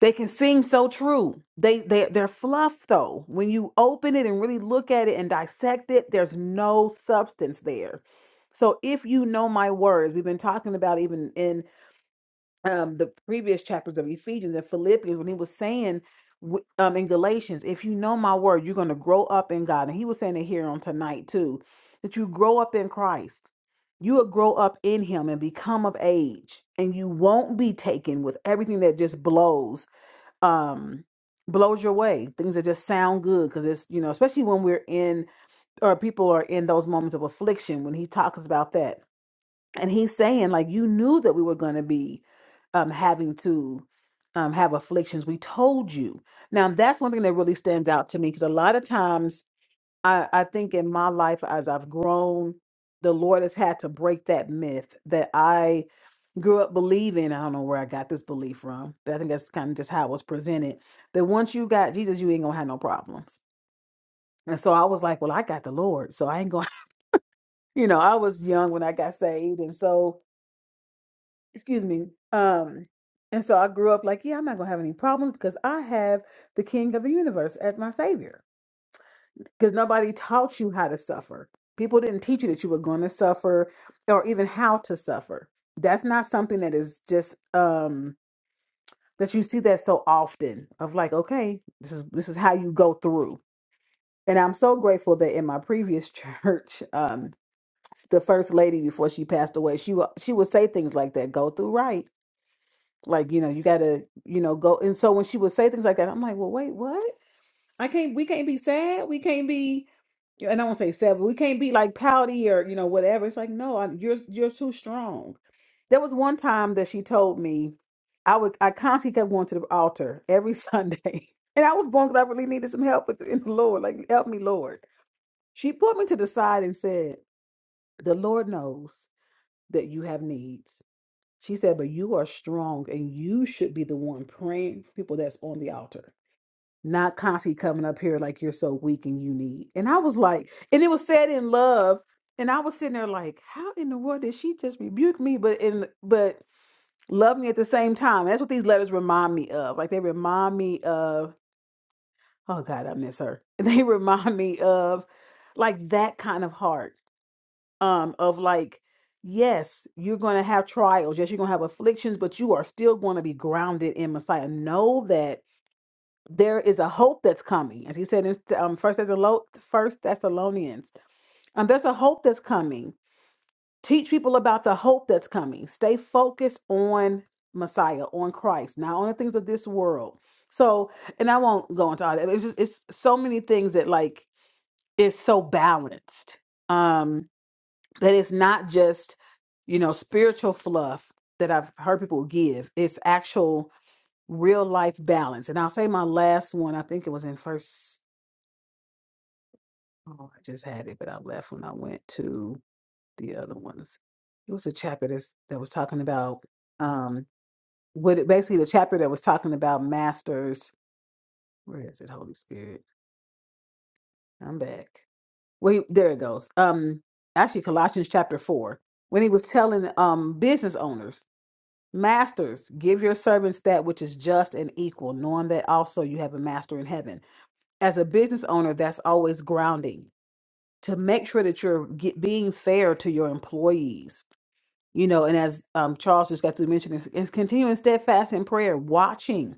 they can seem so true they they they're fluff though when you open it and really look at it and dissect it there's no substance there so if you know my words we've been talking about even um, the previous chapters of Ephesians and Philippians when he was saying w- um, in Galatians, if you know my word, you're going to grow up in God. And he was saying it here on tonight too, that you grow up in Christ. You will grow up in him and become of age, and you won't be taken with everything that just blows, um, blows your way. Things that just sound good, because it's you know, especially when we're in or people are in those moments of affliction. When he talks about that, and he's saying like you knew that we were going to be um having to um have afflictions we told you now that's one thing that really stands out to me because a lot of times i i think in my life as i've grown the lord has had to break that myth that i grew up believing i don't know where i got this belief from but i think that's kind of just how it was presented that once you got jesus you ain't gonna have no problems and so i was like well i got the lord so i ain't gonna you know i was young when i got saved and so excuse me. Um, and so I grew up like, yeah, I'm not gonna have any problems because I have the King of the Universe as my savior. Because nobody taught you how to suffer. People didn't teach you that you were going to suffer or even how to suffer. That's not something that is just um that you see that so often of like, okay, this is this is how you go through. And I'm so grateful that in my previous church, um, the first lady before she passed away, she will she would say things like that, go through right like you know you gotta you know go and so when she would say things like that i'm like well wait what i can't we can't be sad we can't be and i won't say sad but we can't be like pouty or you know whatever it's like no I, you're you're too strong there was one time that she told me i would i constantly kept going to the altar every sunday and i was going because i really needed some help with in the lord like help me lord she put me to the side and said the lord knows that you have needs she said, but you are strong and you should be the one praying for people that's on the altar, not constantly coming up here like you're so weak and you need. And I was like, and it was said in love. And I was sitting there like, how in the world did she just rebuke me? But in but love me at the same time. That's what these letters remind me of. Like they remind me of, oh God, I miss her. They remind me of like that kind of heart um of like yes you're going to have trials yes you're going to have afflictions but you are still going to be grounded in messiah know that there is a hope that's coming as he said in um, first thessalonians first thessalonians um, there's a hope that's coming teach people about the hope that's coming stay focused on messiah on christ not on the things of this world so and i won't go into all that it's just it's so many things that like is so balanced um that it's not just you know spiritual fluff that i've heard people give it's actual real life balance and i'll say my last one i think it was in first oh i just had it but i left when i went to the other ones it was a chapter that's, that was talking about um what it, basically the chapter that was talking about masters where is it holy spirit i'm back wait there it goes um actually colossians chapter 4 when he was telling um business owners Masters, give your servants that which is just and equal, knowing that also you have a master in heaven. As a business owner, that's always grounding to make sure that you're get, being fair to your employees. You know, and as um, Charles just got through mentioning, is continuing steadfast in prayer, watching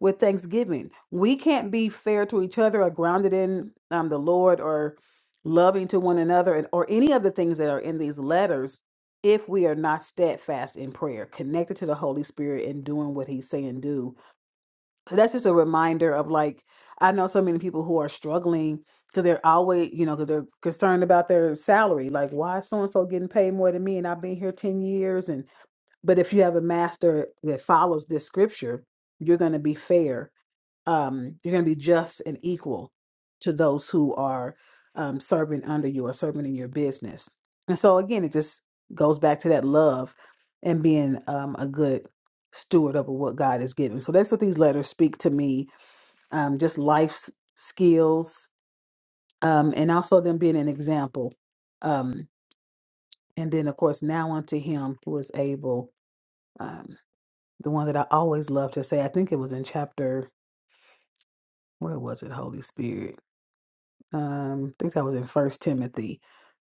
with thanksgiving. We can't be fair to each other or grounded in um, the Lord or loving to one another and, or any of the things that are in these letters if we are not steadfast in prayer, connected to the Holy Spirit and doing what He's saying do. So that's just a reminder of like, I know so many people who are struggling because they're always, you know, because they're concerned about their salary. Like, why is so and so getting paid more than me? And I've been here 10 years. And, but if you have a master that follows this scripture, you're going to be fair um, you're going to be just and equal to those who are um, serving under you or serving in your business. And so, again, it just goes back to that love and being um, a good steward over what God has given. So, that's what these letters speak to me um, just life s- skills, um, and also them being an example. Um, and then, of course, now unto Him who is able, um, the one that I always love to say, I think it was in chapter, where was it, Holy Spirit? Um, I think that was in First Timothy.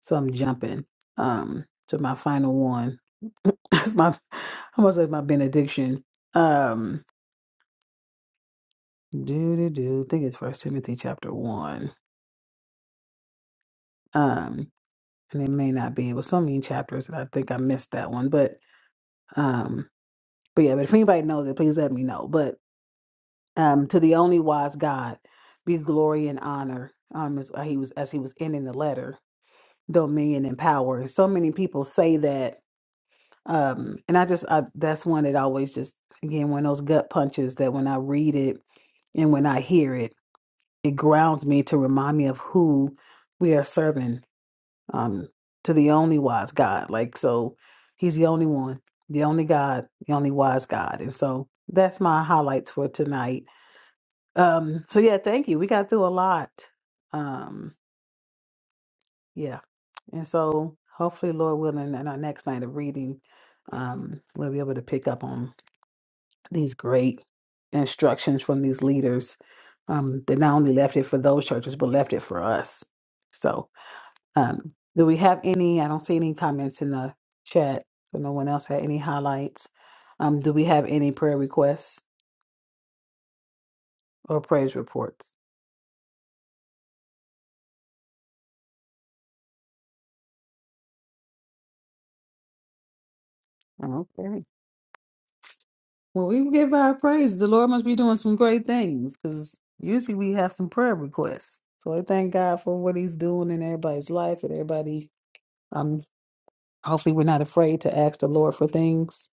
So I'm jumping um to my final one. That's my I must say my benediction. Um do do do. I think it's First Timothy chapter one. Um and it may not be. It was so many chapters that I think I missed that one. But um but yeah, but if anybody knows it, please let me know. But um to the only wise God be glory and honor. Um as uh, he was as he was ending the letter, dominion and power. And so many people say that Um, and I just I, that's one that always just again one of those gut punches that when I read it and when I hear it, it grounds me to remind me of who we are serving um, to the only wise God. Like so, He's the only one, the only God, the only wise God. And so that's my highlights for tonight. Um, so yeah, thank you. We got through a lot. Um, yeah, and so hopefully, Lord willing, in our next night of reading, um, we'll be able to pick up on these great instructions from these leaders um, that not only left it for those churches, but left it for us. So, um, do we have any? I don't see any comments in the chat. So, no one else had any highlights. Um, do we have any prayer requests or praise reports? Okay. Well, we give our praise. The Lord must be doing some great things because usually we have some prayer requests. So I thank God for what He's doing in everybody's life and everybody hopefully we're not afraid to ask the Lord for things.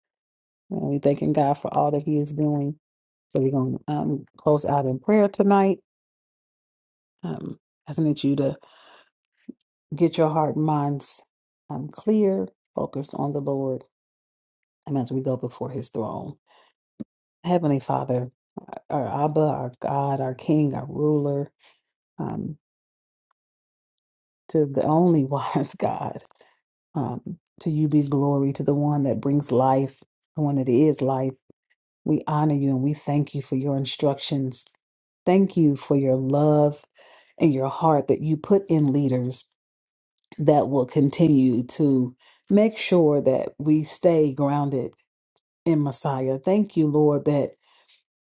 And we are thanking God for all that He is doing. So we're going to um, close out in prayer tonight. Um, I just need you to get your heart and minds um, clear, focused on the Lord, and as we go before His throne. Heavenly Father, our Abba, our God, our King, our ruler, um, to the only wise God, um, to you be glory, to the one that brings life, the one that is life. We honor you and we thank you for your instructions. Thank you for your love and your heart that you put in leaders that will continue to make sure that we stay grounded in Messiah. Thank you, Lord, that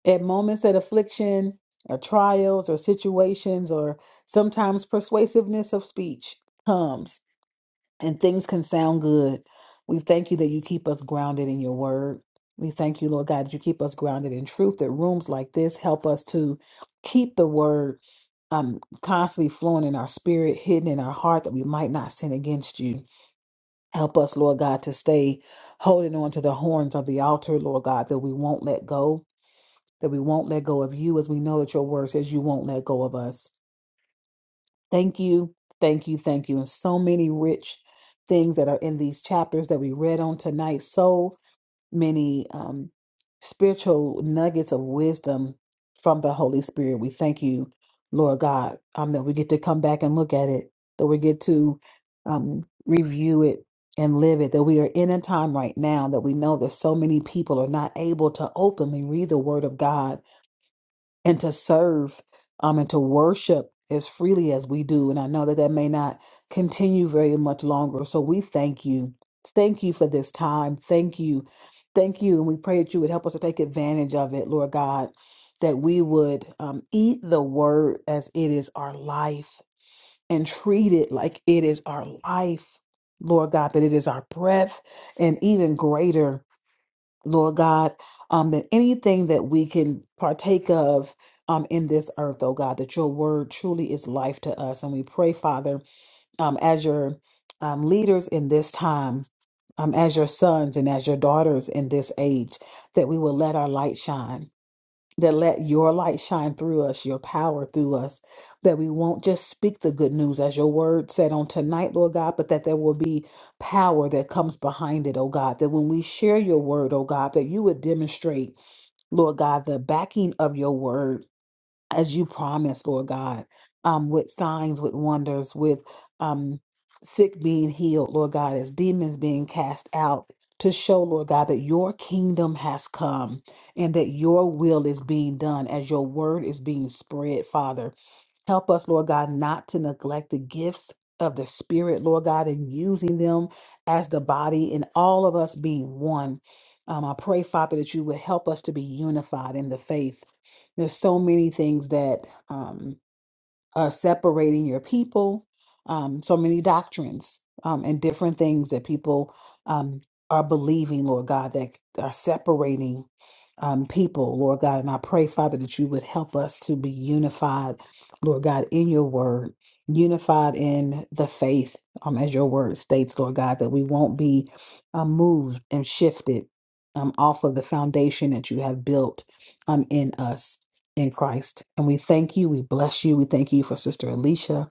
at moments that affliction or trials or situations or sometimes persuasiveness of speech comes and things can sound good. We thank you that you keep us grounded in your word. We thank you, Lord God, that you keep us grounded in truth, that rooms like this help us to keep the word um, constantly flowing in our spirit, hidden in our heart, that we might not sin against you. Help us, Lord God, to stay holding on to the horns of the altar, Lord God, that we won't let go, that we won't let go of you, as we know that your word says you won't let go of us. Thank you, thank you, thank you. And so many rich things that are in these chapters that we read on tonight. So many um, spiritual nuggets of wisdom from the Holy Spirit. We thank you, Lord God, um, that we get to come back and look at it, that we get to um, review it and live it, that we are in a time right now that we know that so many people are not able to openly read the Word of God and to serve um, and to worship as freely as we do. And I know that that may not continue very much longer. So we thank you. Thank you for this time. Thank you. Thank you. And we pray that you would help us to take advantage of it, Lord God, that we would um, eat the word as it is our life and treat it like it is our life, Lord God, that it is our breath and even greater. Lord God, um, that anything that we can partake of um, in this earth, oh God, that your word truly is life to us. And we pray, Father, um, as your um, leaders in this time, um, as your sons and as your daughters in this age, that we will let our light shine that let your light shine through us, your power through us, that we won't just speak the good news as your word said on tonight, Lord God, but that there will be power that comes behind it, oh God, that when we share your word, oh God, that you would demonstrate, Lord God, the backing of your word as you promised, Lord God, um, with signs, with wonders, with um, sick being healed, Lord God, as demons being cast out, to show, Lord God, that your kingdom has come and that your will is being done as your word is being spread, Father. Help us, Lord God, not to neglect the gifts of the Spirit, Lord God, and using them as the body and all of us being one. Um, I pray, Father, that you would help us to be unified in the faith. There's so many things that um, are separating your people, um, so many doctrines um, and different things that people um, are believing, Lord God, that are separating um, people, Lord God. And I pray, Father, that you would help us to be unified, Lord God, in your word, unified in the faith, um, as your word states, Lord God, that we won't be um, moved and shifted um, off of the foundation that you have built um, in us in Christ. And we thank you. We bless you. We thank you for Sister Alicia.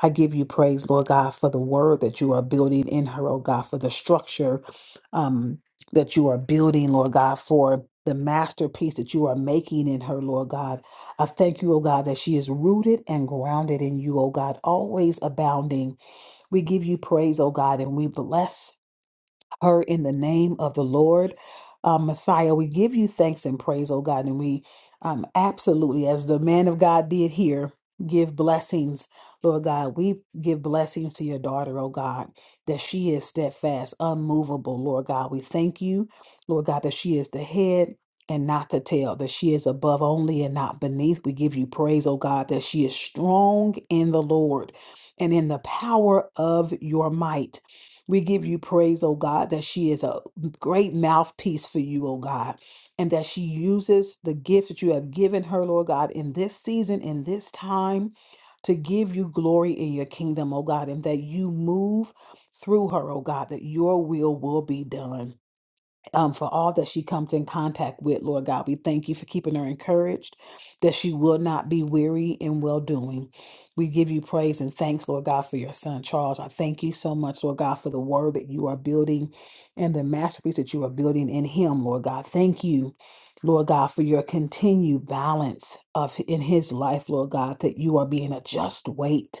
I give you praise, Lord God, for the word that you are building in her, oh God, for the structure um, that you are building, Lord God, for the masterpiece that you are making in her, Lord God. I thank you, oh God, that she is rooted and grounded in you, oh God, always abounding. We give you praise, oh God, and we bless her in the name of the Lord. Uh, Messiah, we give you thanks and praise, oh God, and we um, absolutely, as the man of God did here, give blessings, Lord God. We give blessings to your daughter, oh God, that she is steadfast, unmovable, Lord God. We thank you, Lord God, that she is the head. And not the tail, that she is above only and not beneath. We give you praise, oh God, that she is strong in the Lord and in the power of your might. We give you praise, oh God, that she is a great mouthpiece for you, oh God, and that she uses the gift that you have given her, Lord God, in this season, in this time, to give you glory in your kingdom, oh God, and that you move through her, oh God, that your will will be done um, for all that she comes in contact with, Lord God. We thank you for keeping her encouraged, that she will not be weary in well doing. We give you praise and thanks, Lord God, for your son, Charles. I thank you so much, Lord God, for the word that you are building and the masterpiece that you are building in him, Lord God. Thank you. Lord God, for your continued balance of in his life, Lord God, that you are being a just weight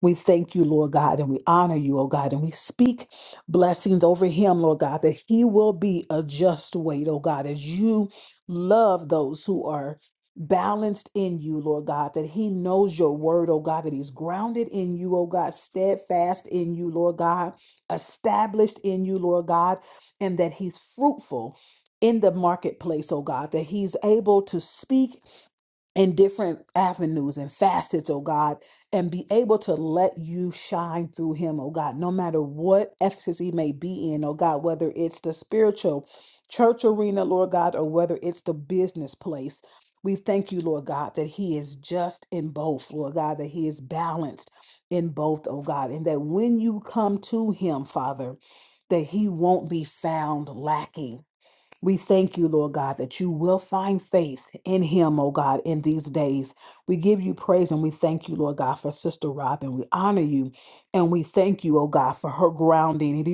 we thank you, Lord God, and we honor you, oh God, and we speak blessings over him, Lord God, that he will be a just weight, oh God, as you love those who are balanced in you, Lord God, that he knows your word, oh God, that he's grounded in you, oh God, steadfast in you, Lord God, established in you, Lord God, and that he's fruitful in the marketplace, oh God, that he's able to speak in different avenues and facets, oh God, and be able to let you shine through him, oh God, no matter what emphasis he may be in, oh God, whether it's the spiritual church arena, Lord God, or whether it's the business place. We thank you, Lord God, that he is just in both, Lord God, that he is balanced in both, oh God, and that when you come to him, Father, that he won't be found lacking we thank you, Lord God, that you will find faith in him, oh God, in these days. We give you praise and we thank you, Lord God, for Sister Robin. We honor you and we thank you, oh God, for her grounding.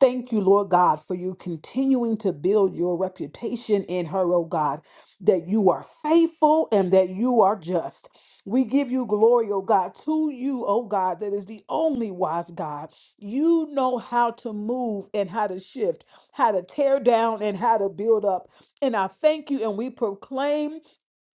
Thank you, Lord God, for you continuing to build your reputation in her, oh God, that you are faithful and that you are just. We give you glory, oh God, to you, oh God, that is the only wise God. You know how to move and how to shift, how to tear down and how to build up. And I thank you and we proclaim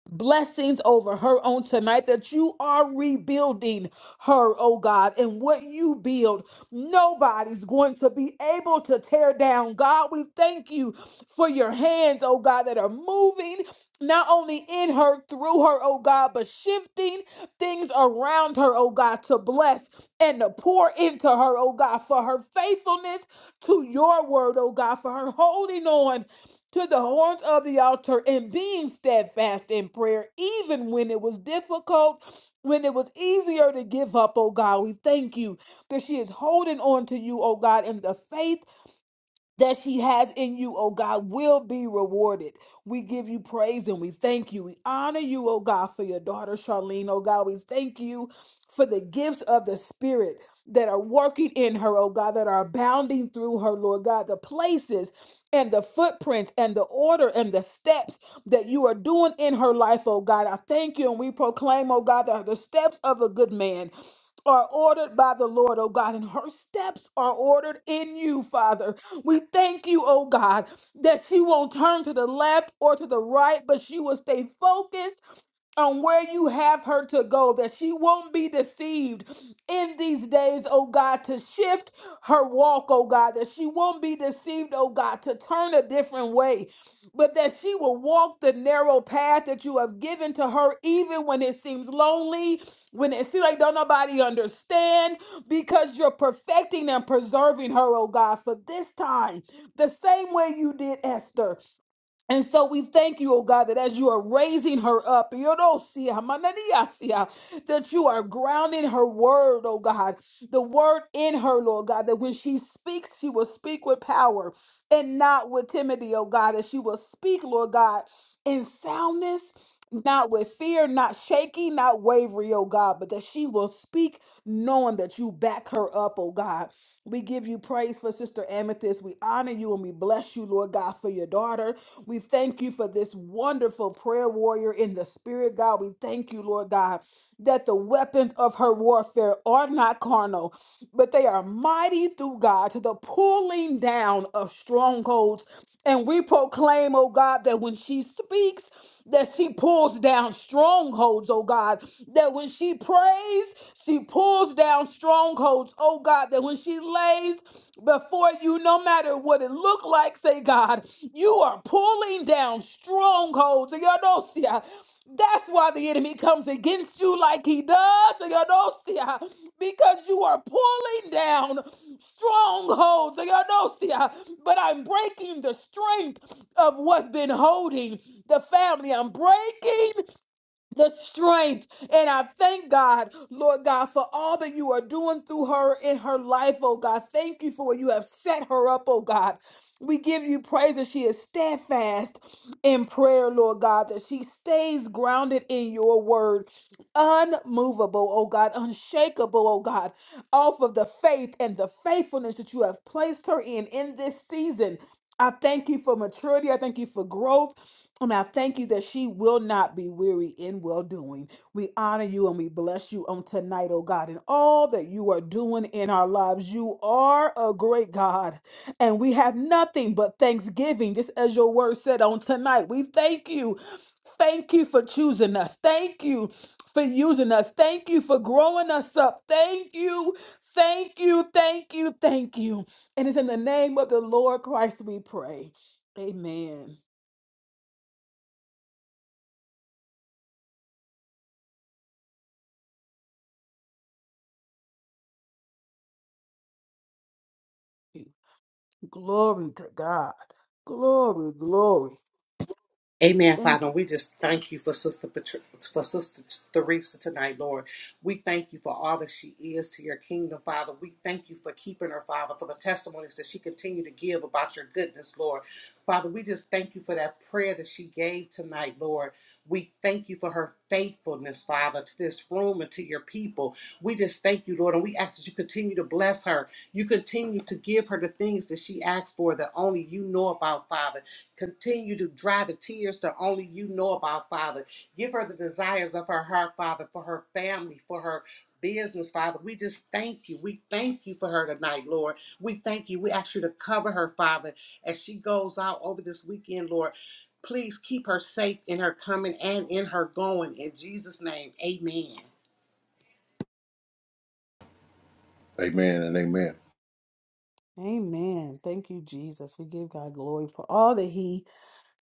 blessings over her on tonight that you are rebuilding her, oh God. And what you build, nobody's going to be able to tear down. God, we thank you for your hands, oh God, that are moving. Not only in her, through her, oh God, but shifting things around her, oh God, to bless and to pour into her, oh God, for her faithfulness to your word, oh God, for her holding on to the horns of the altar and being steadfast in prayer, even when it was difficult, when it was easier to give up, oh God. We thank you that she is holding on to you, oh God, in the faith that she has in you, oh God, will be rewarded. We give you praise and we thank you. We honor you, oh God, for your daughter Charlene, oh God. We thank you for the gifts of the Spirit that are working in her, oh God, that are abounding through her, Lord God. The places and the footprints and the order and the steps that you are doing in her life, oh God. I thank you and we proclaim, oh God, that the steps of a good man are ordered by the Lord, oh God, and her steps are ordered in you, Father. We thank you, oh God, that she won't turn to the left or to the right, but she will stay focused on where you have her to go, that she won't be deceived in these days, oh God, to shift her walk, oh God, that she won't be deceived, oh God, to turn a different way, but that she will walk the narrow path that you have given to her, even when it seems lonely, when it seems like don't nobody understand, because you're perfecting and preserving her, oh God, for this time, the same way you did Esther. And so we thank you, oh God, that as you are raising her up, you don't see her, manania see her, that you are grounding her word, oh God, the word in her, Lord God, that when she speaks, she will speak with power and not with timidity, oh God, that she will speak, Lord God, in soundness, not with fear, not shaky, not wavering, oh God, but that she will speak knowing that you back her up, oh God. We give you praise for Sister Amethyst. We honor you and we bless you, Lord God, for your daughter. We thank you for this wonderful prayer warrior in the spirit, God. We thank you, Lord God, that the weapons of her warfare are not carnal, but they are mighty through God to the pulling down of strongholds. And we proclaim, oh God, that when she speaks, that she pulls down strongholds, oh God. That when she prays, she pulls down strongholds, oh God. That when she lays before you, no matter what it looked like, say, God, you are pulling down strongholds. That's why the enemy comes against you like he does, Theodosia, because you are pulling down strongholds, Theodosia. But I'm breaking the strength of what's been holding the family. I'm breaking the strength. And I thank God, Lord God, for all that you are doing through her in her life, oh God. Thank you for what you have set her up, oh God. We give you praise that she is steadfast in prayer, Lord God, that she stays grounded in your word, unmovable, oh God, unshakable, oh God, off of the faith and the faithfulness that you have placed her in in this season. I thank you for maturity. I thank you for growth. And I thank you that she will not be weary in well doing. We honor you and we bless you on tonight, oh God, and all that you are doing in our lives. You are a great God, and we have nothing but thanksgiving, just as your word said on tonight. We thank you. Thank you for choosing us. Thank you for using us. Thank you for growing us up. Thank you. Thank you. Thank you. Thank you. And it's in the name of the Lord Christ we pray. Amen. Glory to God. Glory, glory. Amen, Thank Father. you. we just thank you for Sister Patri- for Sister Theresa tonight, Lord. We thank you for all that she is to your kingdom, Father. We thank you for keeping her, Father, for the testimonies that she continued to give about your goodness, Lord. Father, we just thank you for that prayer that she gave tonight, Lord. We thank you for her faithfulness, Father, to this room and to your people. We just thank you, Lord, and we ask that you continue to bless her. You continue to give her the things that she asked for that only you know about, Father. Continue to dry the tears that only you know about, Father. Give her the desires of her heart, Father, for her family, for her business, Father. We just thank you. We thank you for her tonight, Lord. We thank you. We ask you to cover her, Father, as she goes out over this weekend, Lord. Please keep her safe in her coming and in her going. In Jesus' name, amen. Amen and amen. Amen. Thank you, Jesus. We give God glory for all that He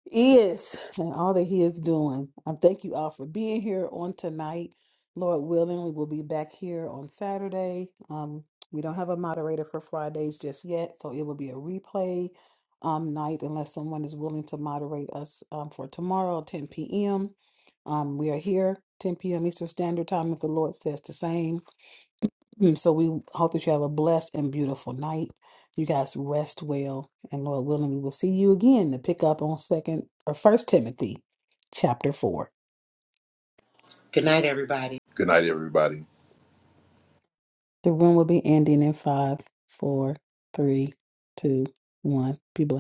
is and all that He is doing. I thank you all for being here on tonight. Lord willing, we will be back here on Saturday. Um, we don't have a moderator for Fridays just yet, so it will be a replay um, night unless someone is willing to moderate us um, for tomorrow, 10 p.m. Um, we are here 10 p.m. Eastern Standard Time if the Lord says the same. Mm, So we hope that you have a blessed and beautiful night. You guys rest well, and Lord willing, we will see you again to pick up on Second or First Timothy, chapter four. Good night, everybody. Good night, everybody. The room will be ending in five, four, three, two, one. Be blessed.